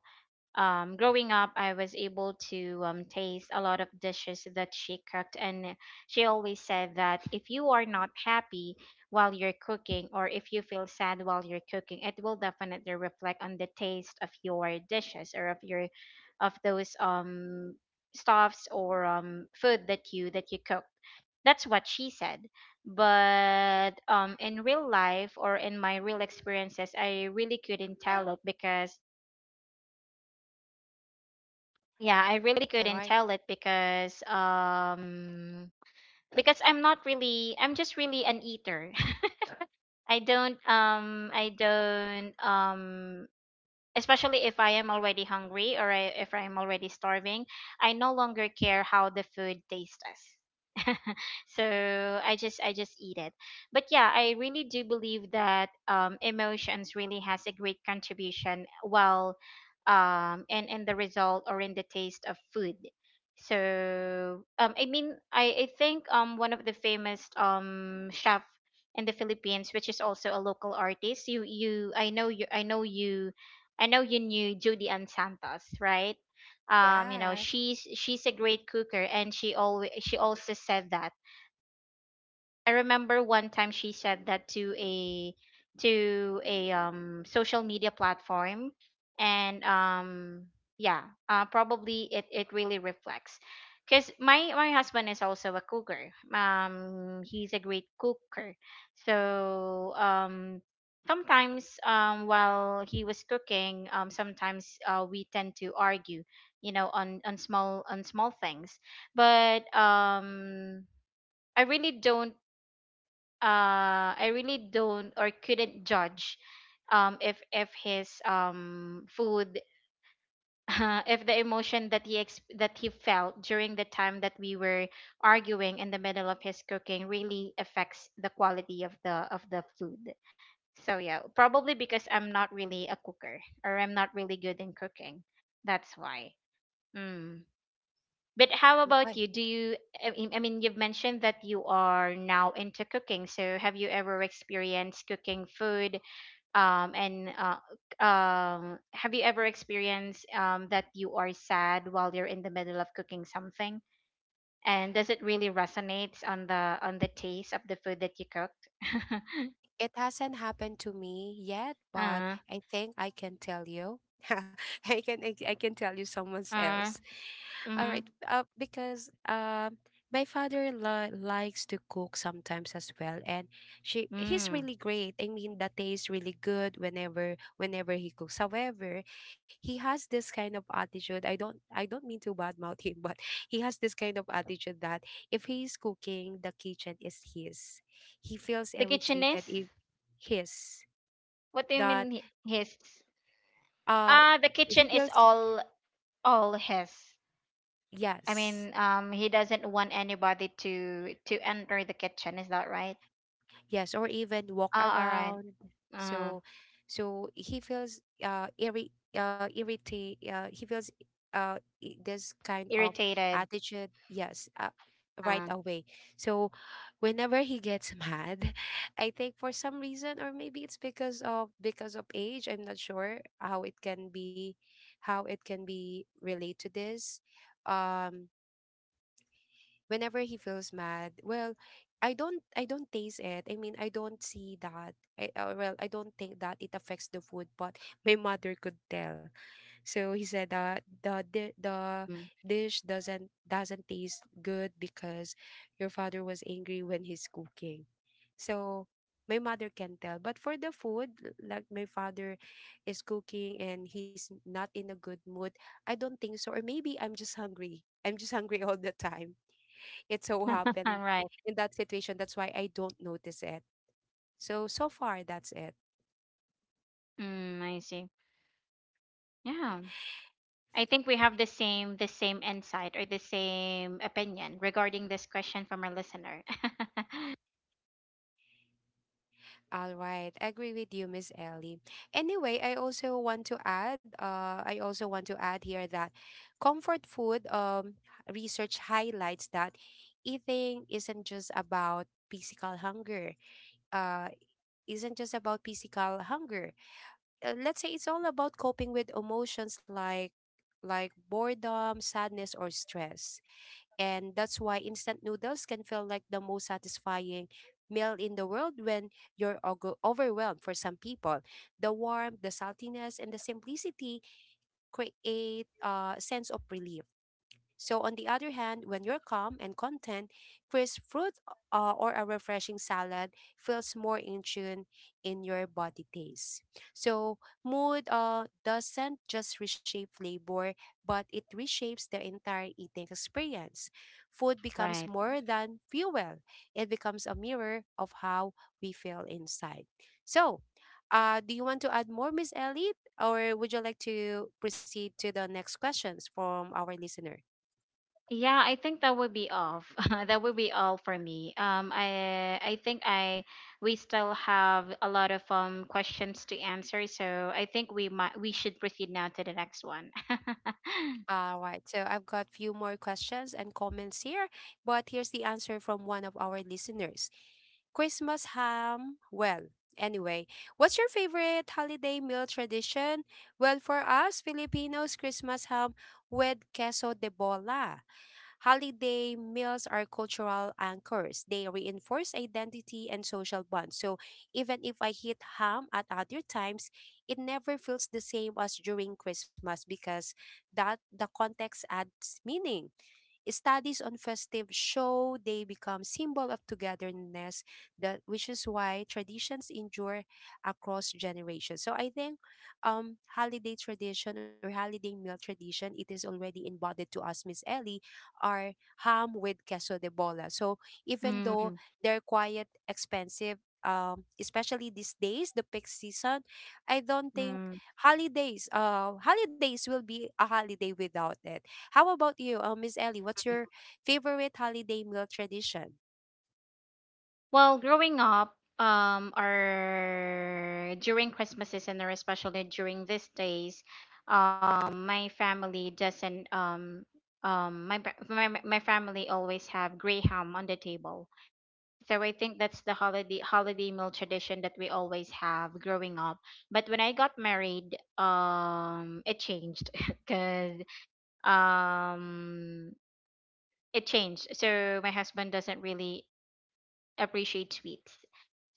Speaker 2: um, growing up, I was able to, um, taste a lot of dishes that she cooked, and she always said that if you are not happy while you're cooking, or if you feel sad while you're cooking, it will definitely reflect on the taste of your dishes, or of your, of those um stuffs, or um food that you that you cook. That's what she said. But um, in real life or in my real experiences, I really couldn't tell it, because yeah, I really
Speaker 1: All
Speaker 2: couldn't
Speaker 1: right.
Speaker 2: tell it, because um because I'm not really I'm just really an eater. I don't um I don't um Especially if I am already hungry, or I, if I am already starving, I no longer care how the food tastes. Us. So I just I just eat it. But yeah, I really do believe that, um, emotions really has a great contribution while, um and in in the result or in the taste of food. So um I mean, I, I think um one of the famous um chef in the Philippines, which is also a local artist. You you I know you I know you I know you knew Judy Ann Santos, right? Um, you know,
Speaker 1: Yes.
Speaker 2: she's she's a great cooker, and she always she also said that, I remember one time she said that to a, to a um social media platform, and um yeah, uh, probably it it really reflects. Cuz my my husband is also a cooker. Um he's a great cooker. So um sometimes, um while he was cooking, um sometimes, uh, we tend to argue, you know, on on small on small things. But um I really don't uh I really don't or couldn't judge, um if if his um food if the emotion that he ex- that he felt during the time that we were arguing in the middle of his cooking really affects the quality of the of the food. So yeah, probably because I'm not really a cooker, or I'm not really good in cooking. That's why. Hmm. But how
Speaker 1: Um,
Speaker 2: about
Speaker 1: I,
Speaker 2: you? Do you, I mean, I mean, you've mentioned that you are now into cooking. So have you ever experienced cooking food? Um, and uh, um, have you ever experienced, um, that you are sad while you're in the middle of cooking something? And does it really resonate on the on the taste of the food that you cooked?
Speaker 1: it hasn't happened to me yet, but
Speaker 2: uh,
Speaker 1: I think I can tell you. I can I, I can tell you someone
Speaker 2: uh,
Speaker 1: else. All
Speaker 2: mm,
Speaker 1: right. Uh, because um, my father li- likes to cook sometimes as well, and she he's
Speaker 2: mm.
Speaker 1: really great. I mean, the taste really good whenever whenever he cooks. However, he has this kind of attitude. I don't I don't mean to badmouth him, but he has this kind of attitude that if he's cooking, the kitchen is his. He feels
Speaker 2: The kitchen is?
Speaker 1: irritated if his,
Speaker 2: What do you mean,
Speaker 1: that
Speaker 2: hi- his?
Speaker 1: uh
Speaker 2: Ah, the
Speaker 1: he
Speaker 2: kitchen
Speaker 1: feels
Speaker 2: is all all his. I
Speaker 1: yes.
Speaker 2: mean, um, he doesn't want anybody to to enter the kitchen. Is that right?
Speaker 1: Yes, or even walk
Speaker 2: Oh, all right.
Speaker 1: around.
Speaker 2: Uh,
Speaker 1: So, so he feels uh irri uh irritate uh he feels uh I- this kind of
Speaker 2: Irritated.
Speaker 1: attitude. Yes, uh, right
Speaker 2: Uh,
Speaker 1: away. So, whenever he gets mad, I think for some reason, or maybe it's because of, because of age. I'm not sure how it can be, how it can be relate to this. Um, whenever he feels mad, well, i don't i don't taste it. I mean, I don't see that, I, uh, well, I don't think that it affects the food, but my mother could tell. So he said that the di-
Speaker 2: mm.
Speaker 1: the dish doesn't doesn't taste good because your father was angry when he's cooking. So my mother can tell, but for the food, l- like my father is cooking and he's not in a good mood, I don't think so. Or maybe i'm just hungry i'm just hungry all the time. It so
Speaker 2: All
Speaker 1: happened
Speaker 2: right.
Speaker 1: in that situation. That's why I don't notice it. So, so far, that's it.
Speaker 2: Mm, I see.
Speaker 1: Uh,
Speaker 2: Yeah, I think we have the same the same insight, or the same opinion regarding this question from our listener.
Speaker 1: All right, I agree with you, Miss Ellie. Anyway, I also want to add, uh, I also want to add here that comfort food, um, research highlights that eating isn't just about physical hunger. Uh, isn't just about physical hunger. Uh, let's say it's all about coping with emotions like like boredom, sadness, or stress. And that's why instant noodles can feel like the most satisfying meal in the world when you're ogo- overwhelmed for some people. The warmth, the saltiness, and the simplicity create a uh, sense of relief. So, on the other hand, when you're calm and content, crisp fruit uh, or a refreshing salad feels more in tune in your body taste. So, mood uh, doesn't just reshape flavor, but it reshapes the entire eating experience. Food
Speaker 2: Right.
Speaker 1: becomes more than fuel, it becomes a mirror of how we feel inside. So, uh, do you want to add more, Miss Ellie? Or would you like to proceed to the next questions from our listener?
Speaker 2: Yeah, I think that would be all. That would be all for me. Um, I I think I We still have a lot of um questions to answer, so I think we might we should proceed now to the next one.
Speaker 1: All right, so I've got few more questions and comments here, but here's the answer from one of our listeners. Christmas ham. Well, anyway, what's your favorite holiday meal tradition? Well, for us Filipinos, Christmas ham with queso de bola. Holiday meals are cultural anchors. They reinforce identity and social bonds. So even if I eat ham at other times, it never feels the same as during Christmas because that the context adds meaning. Studies on festive show they become symbol of togetherness, that which is why traditions endure across generations. So I think um holiday tradition or holiday meal tradition, it is already embodied to us, Miss Ellie, are ham with queso de bola. So even though
Speaker 2: Mm,
Speaker 1: they're quite expensive, um, especially these days, the peak season, I don't think
Speaker 2: mm.
Speaker 1: holidays uh holidays will be a holiday without it. How about you, uh, Miss Ellie? What's your favorite holiday meal tradition?
Speaker 2: Well, growing up, um, or during Christmases, and or especially during these days, um, my family doesn't um um my pa- my my family always have gray ham on the table. So I think that's the holiday holiday meal tradition that we always have growing up. But when I got married, um, it changed because, um, it changed. So my husband doesn't really appreciate sweets.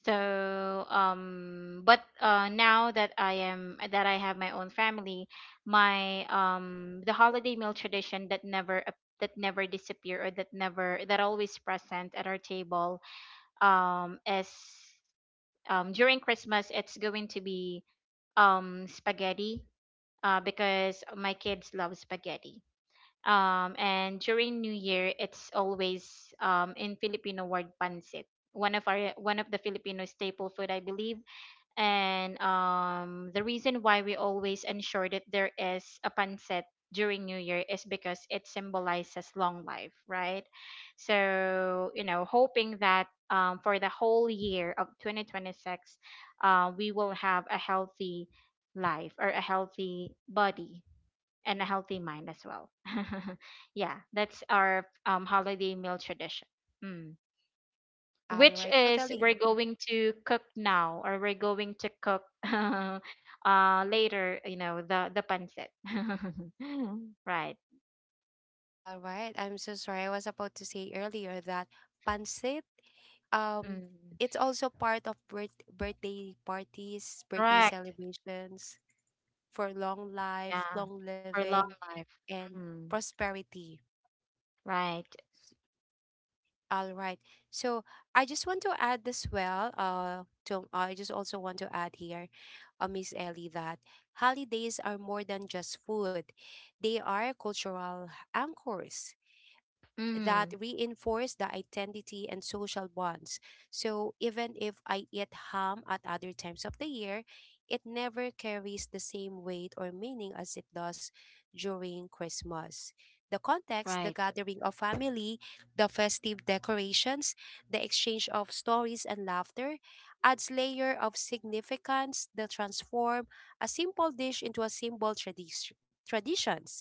Speaker 2: So, um, but uh, now that I am that I have my own family, my um, the holiday meal tradition that never ap- that never disappear, or that never that always present at our table, um, is, um during Christmas it's going to be um spaghetti, uh because my kids love spaghetti. Um and during New Year it's always, um in Filipino word, pancit. One of our one of the Filipino staple food, I believe, and um the reason why we always ensure that there is a pancit during new year is because it symbolizes long life, right? So, you know, hoping that um, for the whole year of twenty twenty-six uh, we will have a healthy life, or a healthy body and a healthy mind as well. Yeah, that's our um, holiday meal tradition. Hmm.
Speaker 1: All
Speaker 2: Which
Speaker 1: right,
Speaker 2: is,
Speaker 1: totally.
Speaker 2: we're going to cook now, or we're going to cook uh later, you know, the the pancit. Right.
Speaker 1: All right. I'm so sorry. I was about to say earlier that pancit, um,
Speaker 2: Mm.
Speaker 1: it's also part of birth- birthday parties, birthday
Speaker 2: Correct.
Speaker 1: celebrations for long life,
Speaker 2: Yeah,
Speaker 1: long
Speaker 2: for
Speaker 1: living,
Speaker 2: long life.
Speaker 1: and
Speaker 2: Mm.
Speaker 1: prosperity.
Speaker 2: Right.
Speaker 1: All right. So I just want to add as well, uh, to, I just also want to add here, uh, Miss Ellie, that holidays are more than just food. They are cultural anchors that
Speaker 2: Mm.
Speaker 1: reinforce the identity and social bonds. So even if I eat ham at other times of the year, it never carries the same weight or meaning as it does during Christmas. The context,
Speaker 2: Right,
Speaker 1: the gathering of family, the festive decorations, the exchange of stories and laughter adds layer of significance that transform a simple dish into a symbol tradi- traditions.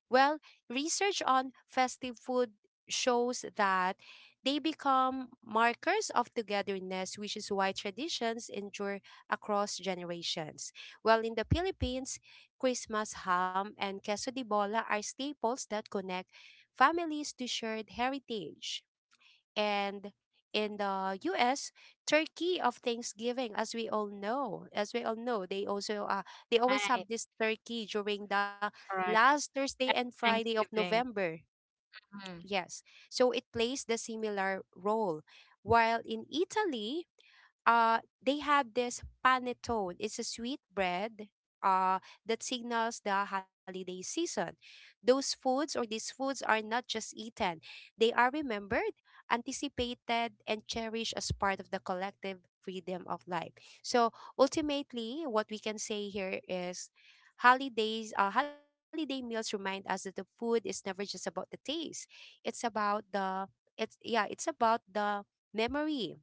Speaker 1: Well, research on festive food shows that they become markers of togetherness, which is why traditions endure across generations. While in the Philippines, Christmas ham and queso de bola are staples that connect families to shared heritage. And in the U S, turkey of Thanksgiving, as we all know, as we all know, they also uh, they always
Speaker 2: right.
Speaker 1: have this turkey during the
Speaker 2: Correct.
Speaker 1: last Thursday and Friday of
Speaker 2: Thanksgiving.
Speaker 1: November.
Speaker 2: Mm.
Speaker 1: Yes. So it plays the similar role. While in Italy, uh they have this panettone. It's a sweet bread uh that signals the holiday season. Those foods or these foods are not just eaten. They are remembered, anticipated and cherished as part of the collective freedom of life. So ultimately what we can say here is holidays uh, holiday meals remind us that the food is never just about the taste. It's about the it's yeah, it's about the memory,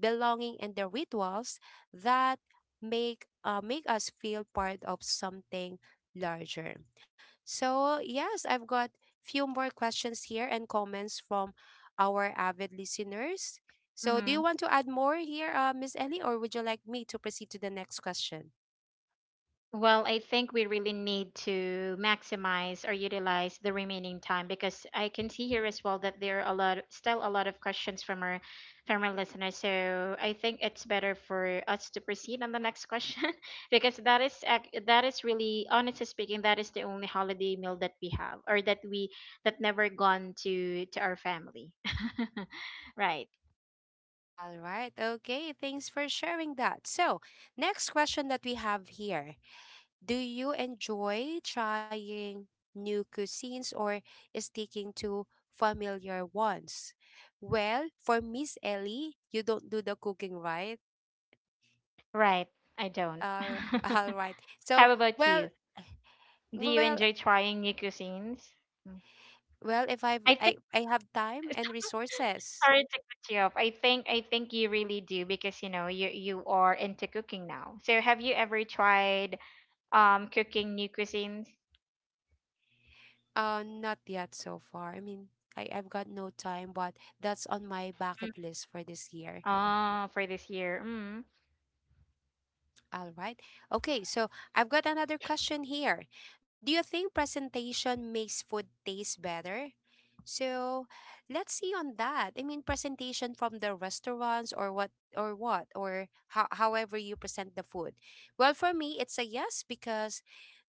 Speaker 1: belonging, and the rituals that make uh, make us feel part of something larger. So yes, I've got few more questions here and comments from our avid listeners. So do
Speaker 2: Hmm.
Speaker 1: you want to add more here, uh, Miss Ellie, or would you like me to proceed to the next question?
Speaker 2: Well, I think we really need to maximize or utilize the remaining time because I can see here as well that there are a lot, still a lot of questions from our, from our listeners. So I think it's better for us to proceed on the next question because that is ac- that is, really, honestly speaking, that is the only holiday meal that we have, or that we that never gone to to our family. Right,
Speaker 1: All right. Okay. Thanks for sharing that. So, next question that we have here. Do you enjoy trying new cuisines or sticking to familiar ones? Well, for Miss Ellie, you don't do the cooking, right?
Speaker 2: right. I don't.
Speaker 1: Uh, all right. So,
Speaker 2: How about
Speaker 1: well,
Speaker 2: you? Do you
Speaker 1: well,
Speaker 2: enjoy trying new cuisines?
Speaker 1: well, if I've
Speaker 2: I think
Speaker 1: I, I have time and resources.
Speaker 2: sorry to cut you off. I think I think you really do because, you know, you you are into cooking now. So have you ever tried um cooking new cuisines?
Speaker 1: Uh, not yet so far. I mean, I, I've got no time, but that's on my
Speaker 2: Mm.
Speaker 1: bucket list for this year.
Speaker 2: Oh, for this year. Mm.
Speaker 1: All right. Okay, so I've got another question here. Do you think presentation makes food taste better? So let's see on that. I mean, presentation from the restaurants or what or what or how, however you present the food. Well, for me, it's a yes because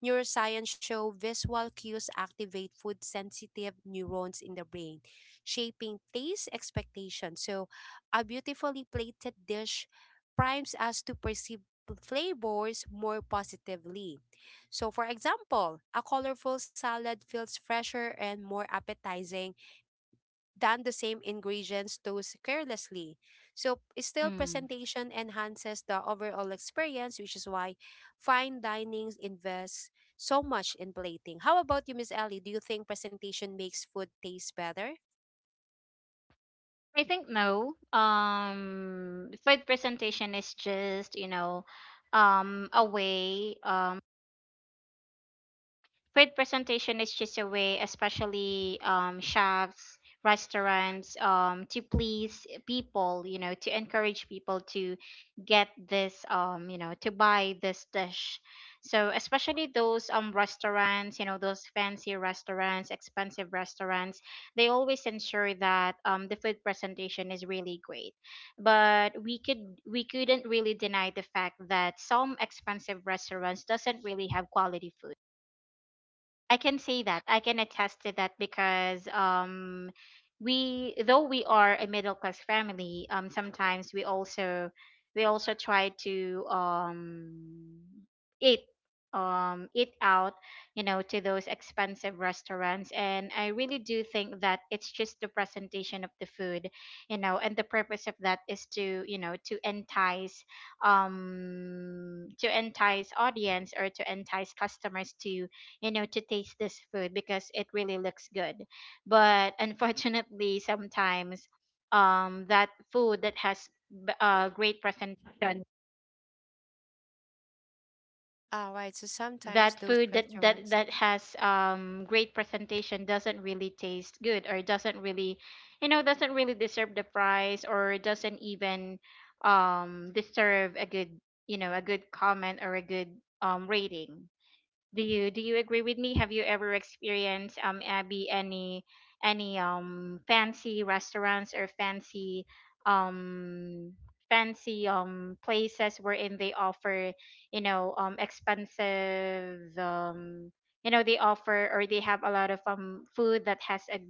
Speaker 1: neuroscience show visual cues activate food sensitive neurons in the brain, shaping taste expectations. So a beautifully plated dish primes us to perceive p- flavors more positively. So for example, a colorful salad feels fresher and more appetizing than the same ingredients tossed carelessly. So still
Speaker 2: Mm.
Speaker 1: presentation enhances the overall experience, which is why fine dining invests so much in plating. How about you, Miss Ellie? Do you think presentation makes food taste better?
Speaker 2: I think no. Um, food presentation is just, you know, um, a way. Um, Food presentation is just a way, especially um, chefs, restaurants, um, to please people, you know, to encourage people to get this, um, you know, to buy this dish. So especially those um restaurants, you know, those fancy restaurants, expensive restaurants, they always ensure that um the food presentation is really great. But we could we couldn't really deny the fact that some expensive restaurants doesn't really have quality food. I can say that. I can attest to that because um we, though we are a middle class family, um sometimes we also, we also try to um eat, um eat out, you know, to those expensive restaurants, and I really do think that it's just the presentation of the food, you know, and the purpose of that is to, you know, to entice um to entice audience, or to entice customers to, you know, to taste this food because it really looks good, but unfortunately sometimes um that food that has b- uh, great presentation,
Speaker 1: All right. So sometimes
Speaker 2: that
Speaker 1: those
Speaker 2: food that that
Speaker 1: restaurants.
Speaker 2: that has um great presentation doesn't really taste good, or doesn't really, you know, doesn't really deserve the price, or doesn't even um deserve a good, you know, a good comment, or a good um rating. Do you do you agree with me? Have you ever experienced, um Abby, any any um fancy restaurants or fancy um fancy um places wherein they offer, you know, um expensive um you know, they offer or they have a lot of um food that has a,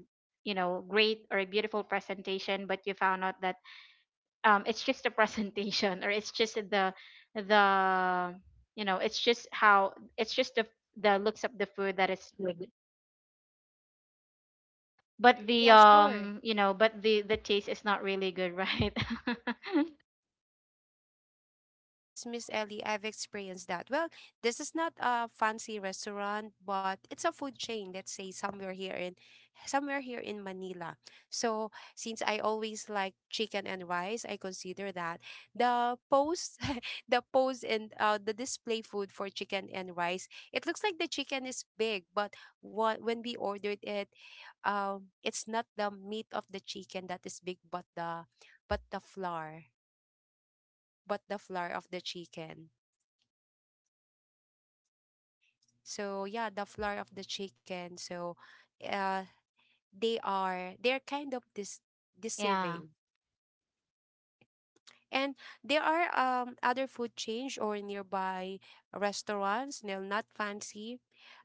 Speaker 2: you know, great or beautiful presentation, but you found out that um it's just a presentation, or it's just the the, you know, it's just how, it's just the the looks of the food that is good, but
Speaker 1: Ah,
Speaker 2: the
Speaker 1: yeah, sure.
Speaker 2: um you know, but the the taste is not really good, right?
Speaker 1: Yes, Miss Ellie, I've experienced that. Well, this is not a fancy restaurant, but it's a food chain, let's say somewhere here in somewhere here in Manila. So, since I always like chicken and rice, I consider that the post the post and uh, the display food for chicken and rice, it looks like the chicken is big, but what when we ordered it, um it's not the meat of the chicken that is big, but the but the flour, but the flour of the chicken. So yeah, the floor of the chicken. So uh they are they're kind of dis
Speaker 2: Yeah.
Speaker 1: deceiving. And there are um other food change or nearby restaurants, no, not fancy,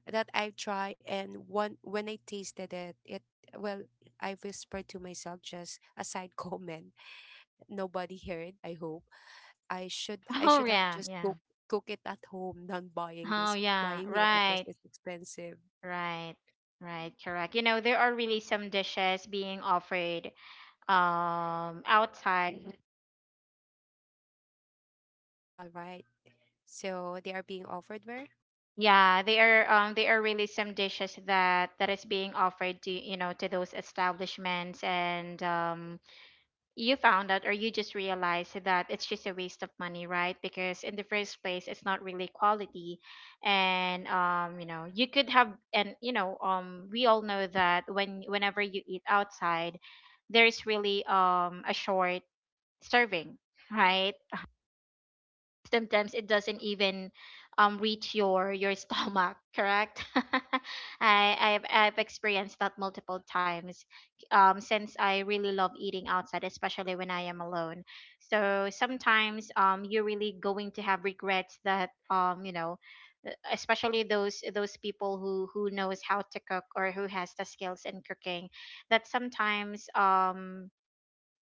Speaker 1: that I've tried and one when I tasted it, it well, I whispered to myself just a side comment. Nobody heard, I hope. I should I
Speaker 2: Oh,
Speaker 1: should have
Speaker 2: yeah,
Speaker 1: just
Speaker 2: yeah.
Speaker 1: cooked cook it at home than buying
Speaker 2: Oh,
Speaker 1: this
Speaker 2: yeah,
Speaker 1: buying here because
Speaker 2: right.
Speaker 1: it's expensive.
Speaker 2: Right, right. Correct. You know, there are really some dishes being offered um outside.
Speaker 1: All right. So they are being offered where?
Speaker 2: Yeah, they are, um they are really some dishes that that is being offered to, you know, to those establishments, and um you found out, or you just realized that it's just a waste of money, right? Because in the first place it's not really quality. And um you know, you could have, and you know, um we all know that when, whenever you eat outside, there is really um a short serving, right? Sometimes it doesn't even um reach your your stomach, correct? i I've, I've experienced that multiple times, um since I really love eating outside, especially when I am alone. So sometimes um you're really going to have regrets that, um you know, uh, especially those those people who who knows how to cook, or who has the skills in cooking, that sometimes um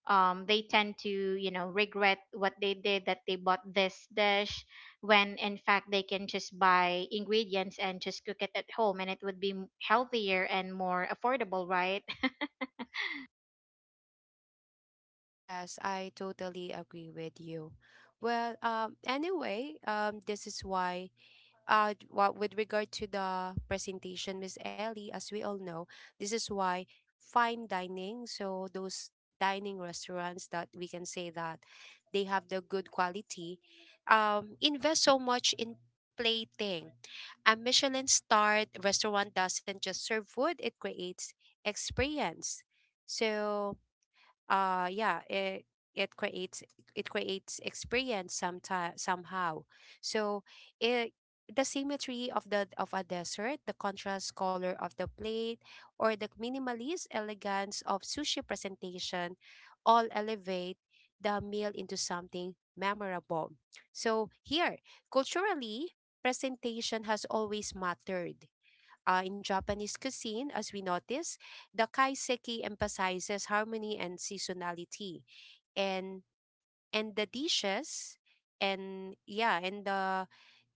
Speaker 2: um, they tend to, you know, regret what they did, that they bought this dish when in fact they can just buy ingredients and just cook it at home, and it would be m- healthier and more affordable, right?
Speaker 1: Yes, I totally agree with you. Well, um, anyway, um, this is why uh, well, with regard to the presentation, Miss Ellie, as we all know, this is why fine dining, so those dining restaurants that we can say that they have the good quality, um, invest so much in plating. A Michelin starred restaurant doesn't just serve food, it creates experience. So uh yeah it it creates it creates experience sometime somehow. So it, the symmetry of the of a desert, the contrast color of the plate, or the minimalist elegance of sushi presentation all elevate the meal into something memorable. So here, culturally, presentation has always mattered. Uh, in Japanese cuisine, as we notice, the kaiseki emphasizes harmony and seasonality, and and the dishes and yeah and the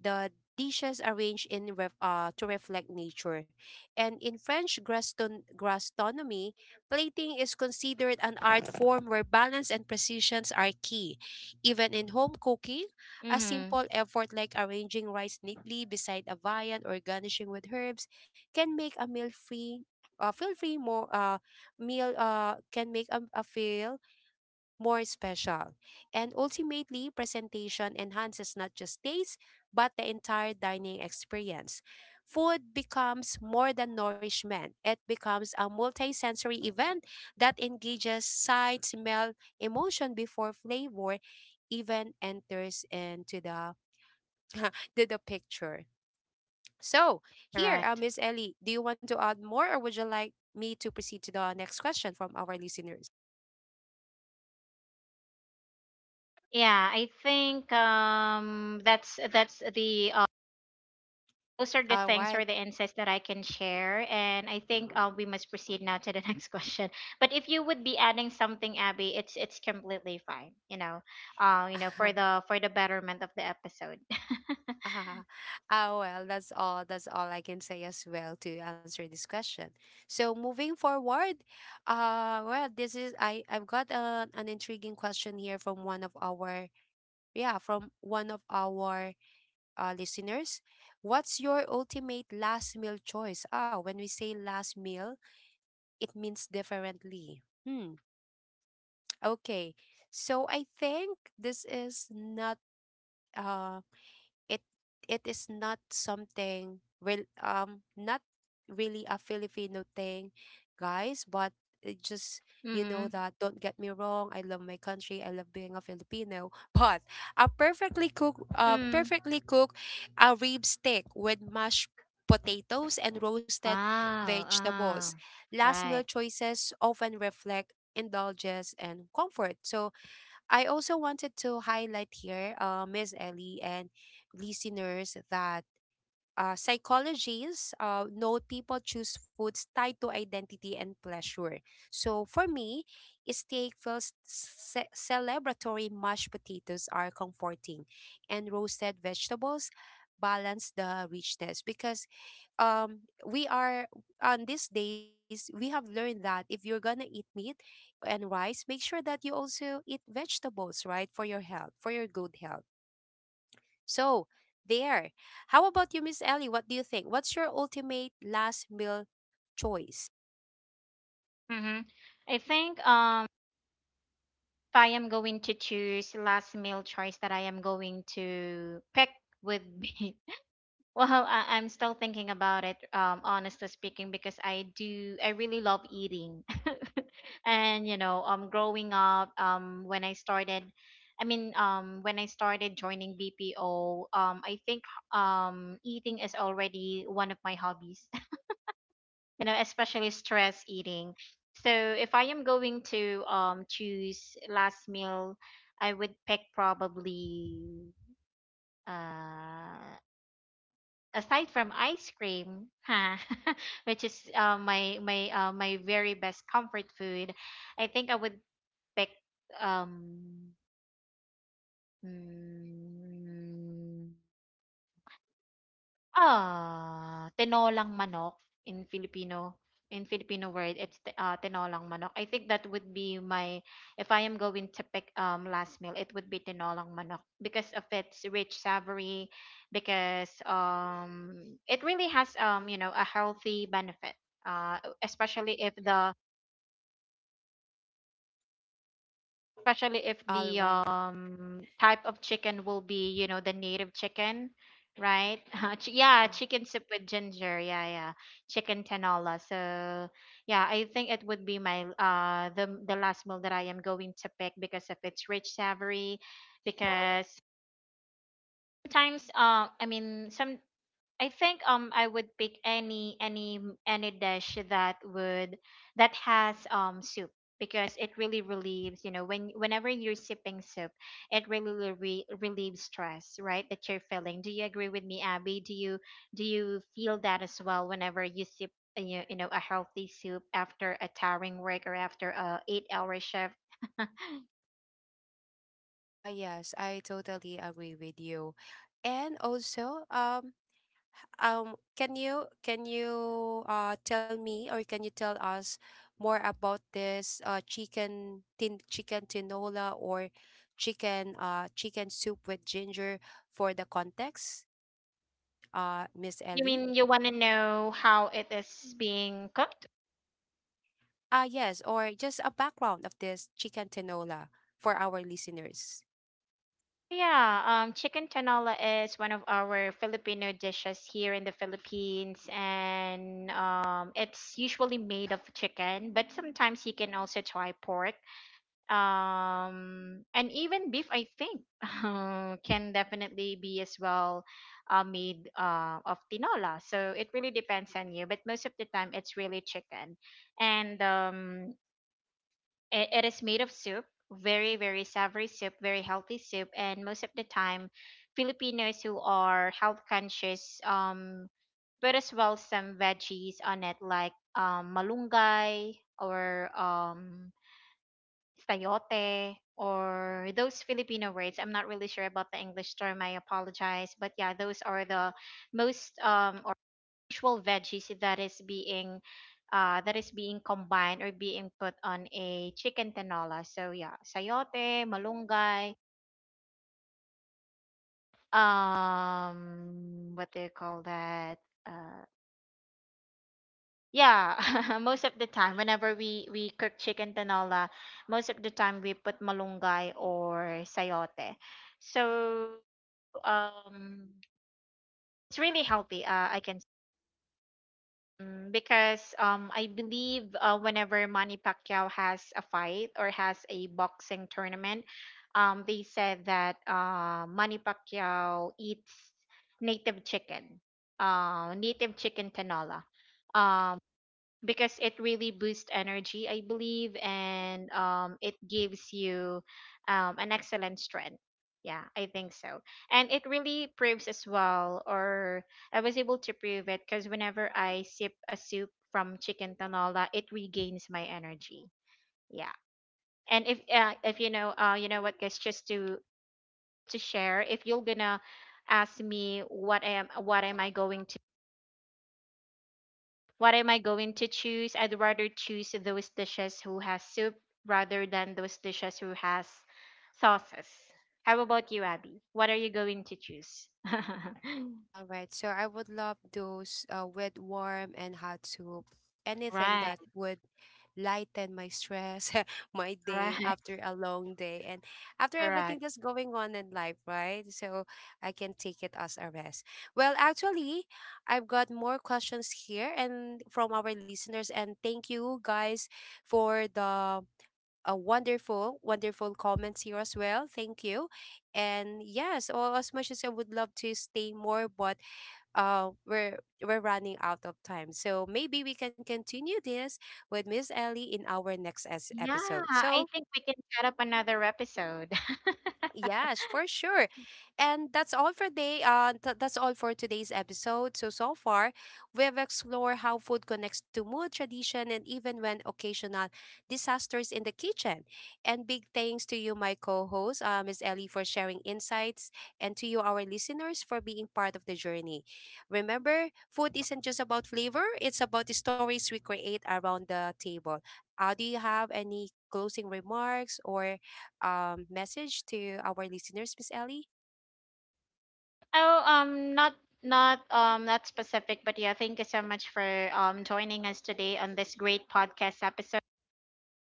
Speaker 1: the dishes arranged in ref, uh, to reflect nature. And in french graston, gastronomy, plating is considered an art form where balance and precisions are key. Even in home cooking, a
Speaker 2: Mm-hmm.
Speaker 1: simple effort like arranging rice neatly beside a viand or garnishing with herbs can make a meal free uh, feel free more uh, meal uh, can make a, a feel more special. And ultimately, presentation enhances not just taste, but the entire dining experience. Food becomes more than nourishment, it becomes a multisensory event that engages sight, smell, emotion before flavor even enters into the, to the picture. So, here, uh,
Speaker 2: Correct.
Speaker 1: Miss Ellie, do you want to add more or would you like me to proceed to the next question from our listeners?
Speaker 2: Yeah, I think um, that's that's the uh, those are the
Speaker 1: All
Speaker 2: things, or
Speaker 1: right.
Speaker 2: the insights that I can share. And I think uh, we must proceed now to the next question. But if you would be adding something, Abby, it's it's completely fine. You know, uh, you know, for the for the betterment of the episode.
Speaker 1: Ah, ah, well, that's all. That's all I can say as well to answer this question. So moving forward, uh, well, this is I I've got a, an intriguing question here from one of our yeah from one of our uh, listeners. What's your ultimate last meal choice? Ah, when we say last meal, it means differently. Hmm. Okay. So I think this is not uh it it is not something real, um not really a Filipino thing, guys, but it just, you
Speaker 2: Mm-hmm.
Speaker 1: know, that don't get me wrong, I love my country, I love being a Filipino, but a perfectly cooked uh
Speaker 2: Mm.
Speaker 1: perfectly cooked a rib steak with mashed potatoes and roasted
Speaker 2: Wow.
Speaker 1: vegetables.
Speaker 2: Uh,
Speaker 1: Last meal
Speaker 2: right.
Speaker 1: choices often reflect indulgence and comfort. So I also wanted to highlight here, uh, Miss Ellie and listeners, that uh, psychologists uh, note people choose foods tied to identity and pleasure. So for me, steak feels ce- celebratory, mashed potatoes are comforting, and roasted vegetables balance the richness because um we are on these days we have learned that if you're gonna eat meat and rice, make sure that you also eat vegetables, right, for your health, for your good health. So there, how about you, Miss Ellie, what do you think, what's your ultimate last meal choice?
Speaker 2: Mm-hmm. I think um if I am going to choose last meal choice that I am going to pick would be, well, I, I'm still thinking about it, um, honestly speaking, because I do, I really love eating. And, you know, um, growing up, um, when I started, I mean, um, when I started joining B P O, um, I think, um, eating is already one of my hobbies, you know, especially stress eating. So if I am going to, um, choose last meal, I would pick probably, uh, aside from ice cream, huh, which is uh, my my uh, my very best comfort food. I think I would pick um mm, ah, tinolang manok. In Filipino, in Filipino word, it's ti ah, tinolang manok. I think that would be my, if I am going to pick, um, last meal, it would be tinolang manok because of its rich savory, because, um, it really has, um, you know, a healthy benefit, uh, especially if the especially if
Speaker 1: All
Speaker 2: the
Speaker 1: right.
Speaker 2: um type of chicken will be, you know, the native chicken, right? Ch- yeah,
Speaker 1: ah
Speaker 2: chicken soup with ginger, yeah, yeah, chicken tanola. So, yeah, I think it would be my uh the the last meal that I am going to pick because of its rich savory. Because, sometimes uh I mean some I think um I would pick any any any dish that would, that has um soup, because it really relieves, you know, when, whenever you're sipping soup, it really re- relieves stress, right, that you're feeling. Do you agree with me, Abby? Do you, do you feel that as well whenever you sip uh, you, you know, a healthy soup after a tiring work or after a eight hour shift?
Speaker 1: ah, yes, I totally agree with you. And also um um can you can you uh tell me or can you tell us more about this uh chicken tin chicken tinola or chicken uh chicken soup with ginger, for the context, uh Miss
Speaker 2: You
Speaker 1: Ellie?
Speaker 2: mean you want to know how it is being cooked?
Speaker 1: Ah yes, or just a background of this chicken tinola for our listeners.
Speaker 2: Yeah, um, chicken tinola is one of our Filipino dishes here in the Philippines, and um, it's usually made of chicken, but sometimes you can also try pork, um, and even beef. I think uh, can definitely be as well uh, made uh, of tinola. So it really depends on you, but most of the time it's really chicken, and um, it, it is made of soup, very, very savory soup, very healthy soup. And most of the time, Filipinos who are health conscious um, put as well some veggies on it, like um, malunggay, or um, sayote, or those Filipino words. I'm not really sure about the English term. I apologize. But yeah, those are the most um, actual veggies that is being uh, that is being combined or being put on a chicken tinola. So yeah, sayote, malunggay, um, what do you call that? Uh, yeah, most of the time, whenever we we cook chicken tinola, most of the time we put malunggay or sayote. So um, it's really healthy. Uh, I can, mm, because um, I believe uh, whenever Manny Pacquiao has a fight or has a boxing tournament, um, they said that uh, Manny Pacquiao eats native chicken, uh, native chicken tanola, because it really boosts energy, I believe, and um, it gives you um, an excellent strength. Yeah, I think so. And it really proves as well, or I was able to prove it, because whenever I sip a soup from chicken tanola it regains my energy. Yeah. And if uh, if you know uh, you know what, guys, just to to share, if you're gonna ask me what I am, what am i going what am I going to choose? I'd rather choose those dishes who has soup, rather than those dishes who has sauces. How about you, Abby? What are you going to choose?
Speaker 1: All right, so I would love those uh, with warm and hot soup. Anything that
Speaker 2: Right.
Speaker 1: would lighten my stress, my day
Speaker 2: Correct.
Speaker 1: after a long day, and after everything
Speaker 2: Correct.
Speaker 1: that's going on in life, right? So I can take it as a rest. Well, actually, I've got more questions here and from our listeners, and thank you guys for the a wonderful, wonderful comments here as well. Thank you. And yes, or as much as I would love to stay more, but uh we're we're running out of time. So maybe we can continue this with Miss Ellie in our next es-
Speaker 2: Yeah,
Speaker 1: episode.
Speaker 2: I
Speaker 1: So
Speaker 2: think we can set up another episode.
Speaker 1: yes, for sure. And that's all for day. Uh, th- that's all for today's episode. So so far, we've explored how food connects to mood, tradition, and even when occasional disasters in the kitchen. And big thanks to you, my co-host, uh, Miss Ellie, for sharing insights, and to you, our listeners, for being part of the journey. Remember, food isn't just about flavor; it's about the stories we create around the table. Uh, do you have any closing remarks or um, message to our listeners, Miss Ellie?
Speaker 2: Oh, um, not not um not specific, but yeah, thank you so much for um joining us today on this great podcast episode,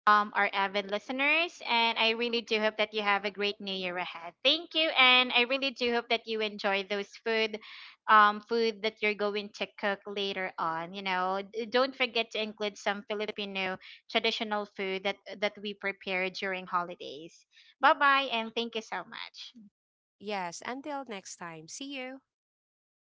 Speaker 2: um, our avid listeners. And I really do hope that you have a great new year ahead. Thank you. And I really do hope that you enjoy those food, um, food that you're going to cook later on. You know, D- don't forget to include some Filipino traditional food that, that we prepare during holidays. Bye bye. And thank you so much.
Speaker 1: Yes, until next time. See you.